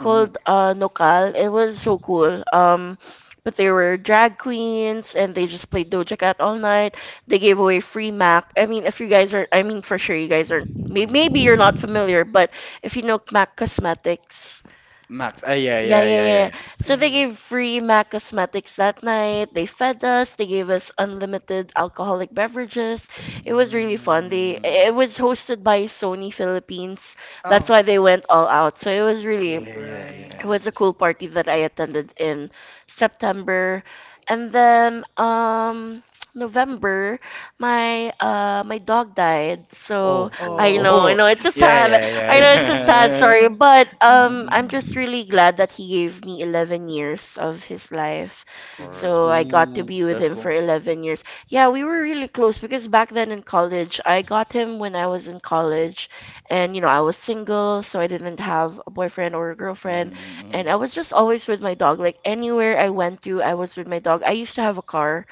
Speaker 2: Ooh.
Speaker 1: Nokal. It was so cool. But there were drag queens and they just played Doja Cat all night. They gave away free Mac. I mean, if you guys are I mean for sure you guys aren't maybe you're
Speaker 2: Mm.
Speaker 1: not familiar, but if you know Mac Cosmetics
Speaker 2: Max. Ah, yeah,
Speaker 1: yeah,
Speaker 2: yeah,
Speaker 1: yeah,
Speaker 2: yeah,
Speaker 1: yeah.
Speaker 2: yeah,
Speaker 1: So
Speaker 2: yeah.
Speaker 1: they
Speaker 3: Mhm.
Speaker 1: gave free MAC cosmetics that night. They fed us. They gave us unlimited alcoholic beverages. It was really fun. They
Speaker 2: Mm.
Speaker 1: it was hosted by Sony Philippines. That's
Speaker 3: Oh.
Speaker 1: why they went all out. So it was really
Speaker 2: Yeah, yeah,
Speaker 3: Right.
Speaker 2: yeah.
Speaker 1: it was a cool party that I attended in September. And then [tsk] November, my my dog died.
Speaker 2: Oh,
Speaker 1: So I
Speaker 2: oh,
Speaker 1: know,
Speaker 3: Oh.
Speaker 1: I
Speaker 2: oh.
Speaker 1: know it's a
Speaker 2: [laughs] Yeah,
Speaker 1: sad
Speaker 2: yeah, yeah,
Speaker 1: I know it's a
Speaker 3: Mhm.
Speaker 1: sad story,
Speaker 2: yeah.
Speaker 1: but
Speaker 2: [laughs]
Speaker 1: I'm just
Speaker 2: Mm.
Speaker 1: really glad that he gave me 11 years of his life.
Speaker 2: Of course.
Speaker 1: So I got to
Speaker 2: Ooh,
Speaker 1: be with
Speaker 2: that's
Speaker 1: him
Speaker 2: cool.
Speaker 1: for 11 years. Yeah, we were really close because back then in college, I got him when I was in college and you know, I was single, so I didn't have a boyfriend or a girlfriend and
Speaker 2: Mm-hmm.
Speaker 1: I was just always with my dog. Like anywhere I went to, I was with my dog. I used to have a car.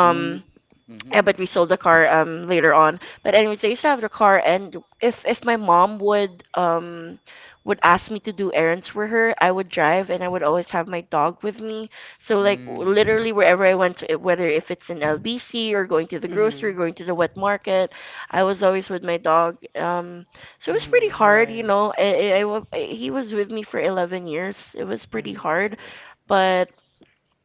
Speaker 2: Who?
Speaker 1: yeah,
Speaker 2: Mm-hmm.
Speaker 1: but we sold the car later on. But anyways, I used to have the car, and if my mom would ask me to do errands for her, I would drive, and I would always have my dog with me. So like
Speaker 2: Mm.
Speaker 1: literally wherever I went to, whether if it's in LBC or going to the
Speaker 3: Mhm.
Speaker 1: grocery,
Speaker 3: Mhm.
Speaker 1: going to the wet market, I was always with my dog. So it was pretty
Speaker 3: Mhm.
Speaker 1: hard, you
Speaker 3: Right.
Speaker 1: know. He was with me for 11 years. It was pretty
Speaker 3: Mhm.
Speaker 2: Yeah,
Speaker 1: hard,
Speaker 2: yeah. Mm-hmm.
Speaker 1: but.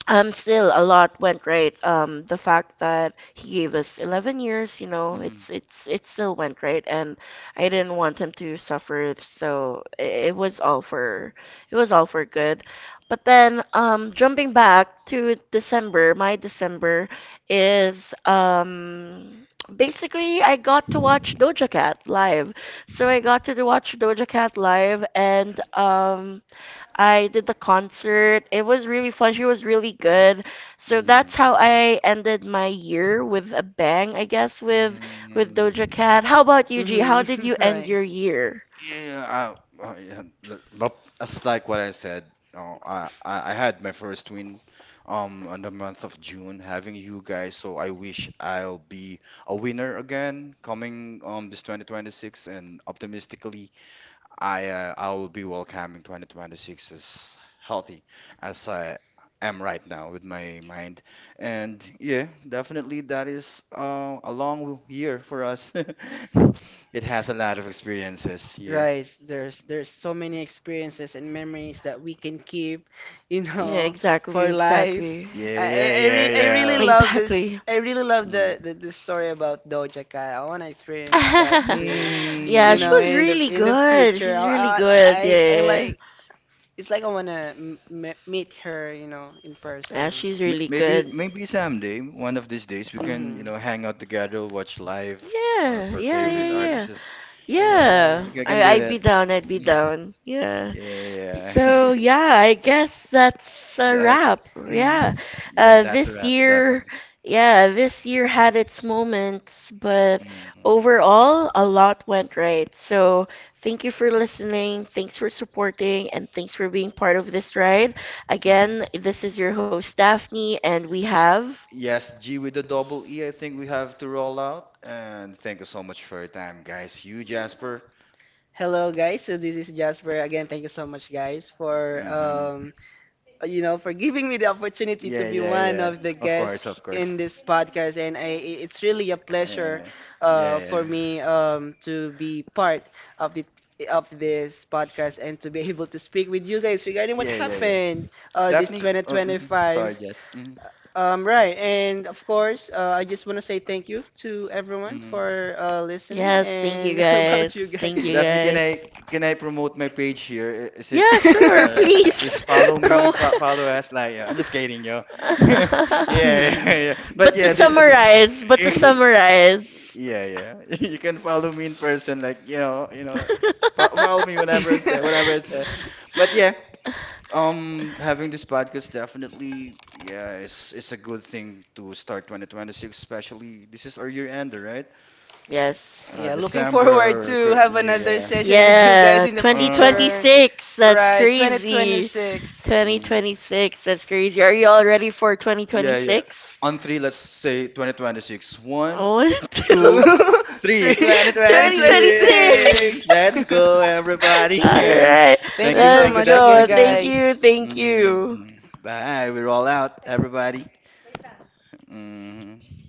Speaker 1: Still a lot went right. The fact that he gave us 11 years, you know,
Speaker 2: Mm-hmm.
Speaker 1: it still went right, and I didn't want him to suffer, so it was all for it was all for good. But then, jumping back to December, my December is basically I got to watch Doja Cat live, so I got to watch Doja Cat live, and. I did the concert. It was really fun. She was really good. So that's how
Speaker 2: Mm-hmm.
Speaker 1: I ended my year with a bang, I guess, with Doja
Speaker 2: Mm-hmm.
Speaker 1: Cat. How about you, G? How
Speaker 3: Mhm.
Speaker 1: did you
Speaker 3: [laughs]
Speaker 1: end
Speaker 3: Right.
Speaker 1: your year?
Speaker 2: Yeah, yeah, but it's like what I said. No, I had my first win on the month of June having you guys, so I wish I'll be a winner again coming this 2026 and optimistically I will be welcoming 2026 as healthy as I am right now with my mind. And yeah, definitely that is a long year for us. [laughs] It has a lot of experiences. Yeah.
Speaker 3: Right. There's so many experiences and memories that we can keep, [laughs] you
Speaker 2: Mhm.
Speaker 1: Yeah,
Speaker 3: know,
Speaker 1: exactly,
Speaker 3: for life.
Speaker 1: exactly.
Speaker 2: Yeah, yeah, yeah,
Speaker 3: I really
Speaker 2: yeah.
Speaker 3: love this.
Speaker 1: Exactly.
Speaker 3: I really love
Speaker 2: Mhm.
Speaker 3: the story about Doja Cat. I want to experience that
Speaker 1: [laughs]
Speaker 3: too,
Speaker 1: Yeah,
Speaker 3: you
Speaker 1: she
Speaker 3: know,
Speaker 2: Mm.
Speaker 1: was really
Speaker 3: in the
Speaker 1: good.
Speaker 3: future.
Speaker 1: She's really good.
Speaker 3: I
Speaker 1: Yeah, yeah,
Speaker 3: like, it's like I want to m m meet her, you know, in
Speaker 1: yeah. Yeah,
Speaker 3: person.
Speaker 1: she's really
Speaker 2: Maybe
Speaker 1: good.
Speaker 2: maybe someday, one of these days, we can, you
Speaker 3: Mhm.
Speaker 2: know, hang out together, watch live or
Speaker 1: Yeah,
Speaker 2: per
Speaker 1: yeah,
Speaker 2: favorite
Speaker 1: yeah,
Speaker 3: Mhm.
Speaker 1: yeah.
Speaker 2: artist,
Speaker 3: That's
Speaker 2: right?
Speaker 3: right.
Speaker 1: Yeah.
Speaker 2: Like I can
Speaker 1: I
Speaker 2: do
Speaker 1: I'd
Speaker 2: that.
Speaker 1: be down, I'd be
Speaker 2: Mm.
Speaker 1: down. Yeah.
Speaker 3: Y-
Speaker 2: Yeah. [laughs]
Speaker 1: So
Speaker 3: [laughs]
Speaker 1: yeah, I guess that's a
Speaker 2: That's
Speaker 1: wrap. Yeah.
Speaker 2: mm, yeah, that's a
Speaker 1: This
Speaker 2: wrap,
Speaker 1: year,
Speaker 2: definitely.
Speaker 1: yeah, this year had its moments, but
Speaker 2: Mm-hmm.
Speaker 1: overall a lot went right. So thank you for listening, thanks for supporting, and thanks for being part of this ride. Again,
Speaker 2: Mm-hmm.
Speaker 1: this is your host Daphne and we have
Speaker 2: Yes, G with the double E, I think we have to roll out. And thank you so much for your time, guys. You, Jasper.
Speaker 3: Hello guys, so this is Jasper again. Thank you so much guys for,
Speaker 2: Um,
Speaker 3: um, you know, for giving me the opportunity to
Speaker 2: yeah,
Speaker 3: be
Speaker 2: yeah,
Speaker 3: one
Speaker 2: yeah.
Speaker 3: of the
Speaker 2: Of course,
Speaker 3: guests
Speaker 2: of course.
Speaker 3: in this podcast, and it's really a pleasure
Speaker 2: Yeah, yeah, yeah,
Speaker 3: for me, um, to be part of the of this podcast, and to be [laughs] able to speak with you guys regarding what
Speaker 2: yeah, yeah, yeah.
Speaker 3: happened this
Speaker 2: Daphne, mhm. Sorry,
Speaker 3: 2025.
Speaker 2: Jess. Mm-hmm.
Speaker 3: Right. And of course, I just want to say thank you to everyone
Speaker 2: Mm-hmm.
Speaker 3: for, listening.
Speaker 1: yes, thank you
Speaker 3: And [laughs] how
Speaker 2: Yeah,
Speaker 1: guys.
Speaker 3: about
Speaker 2: yeah.
Speaker 3: you guys?
Speaker 1: Thank you
Speaker 2: Definitely,
Speaker 1: guys.
Speaker 2: can I promote my page here? Is it
Speaker 1: Yeah, sure,
Speaker 2: please
Speaker 1: please.
Speaker 2: follow
Speaker 1: [laughs]
Speaker 2: me,
Speaker 1: Pro.
Speaker 2: follow us. Like, yeah, I'm just kidding,
Speaker 3: [laughs]
Speaker 2: yo. [laughs]
Speaker 1: [laughs]
Speaker 2: Yeah, yeah, yeah. But
Speaker 1: but to
Speaker 2: yeah, the
Speaker 1: summarize, but to summarize.
Speaker 2: [laughs] yeah, yeah. [laughs] You can follow me in person, like you know,
Speaker 1: [laughs]
Speaker 2: follow me whenever I say whatever I said. But yeah, having this podcast definitely, yeah, it's a good thing to start 2026, especially this is our year ender, right?
Speaker 1: yes.
Speaker 3: Yeah, looking forward
Speaker 2: December,
Speaker 3: to have
Speaker 2: yeah,
Speaker 3: another
Speaker 2: yeah.
Speaker 3: session with you guys
Speaker 1: Yeah,
Speaker 3: in the
Speaker 2: Uh,
Speaker 3: future.
Speaker 1: 2026. That's
Speaker 3: Right,
Speaker 1: crazy.
Speaker 3: 2026.
Speaker 2: mm.
Speaker 1: 2026. That's crazy. Are you all ready for
Speaker 2: Yeah, yeah.
Speaker 1: 2026?
Speaker 2: On three, let's say 2026. One,
Speaker 1: One, [laughs] two,
Speaker 2: two,
Speaker 3: Two, [laughs]
Speaker 2: three.
Speaker 1: three.
Speaker 3: 2026.
Speaker 1: 2026.
Speaker 2: 2026. Let's go,
Speaker 1: [laughs]
Speaker 2: everybody.
Speaker 1: [laughs] All
Speaker 2: [laughs]
Speaker 1: right,
Speaker 3: [laughs] Thank you so
Speaker 2: Thank you,
Speaker 1: let's
Speaker 3: much
Speaker 2: Daph.
Speaker 3: again,
Speaker 1: go.
Speaker 2: Thank you,
Speaker 1: Thank
Speaker 2: Jess.
Speaker 3: guys.
Speaker 1: you, thank
Speaker 2: Mhm.
Speaker 1: you.
Speaker 2: Bye. We're all out, everybody. Mhm.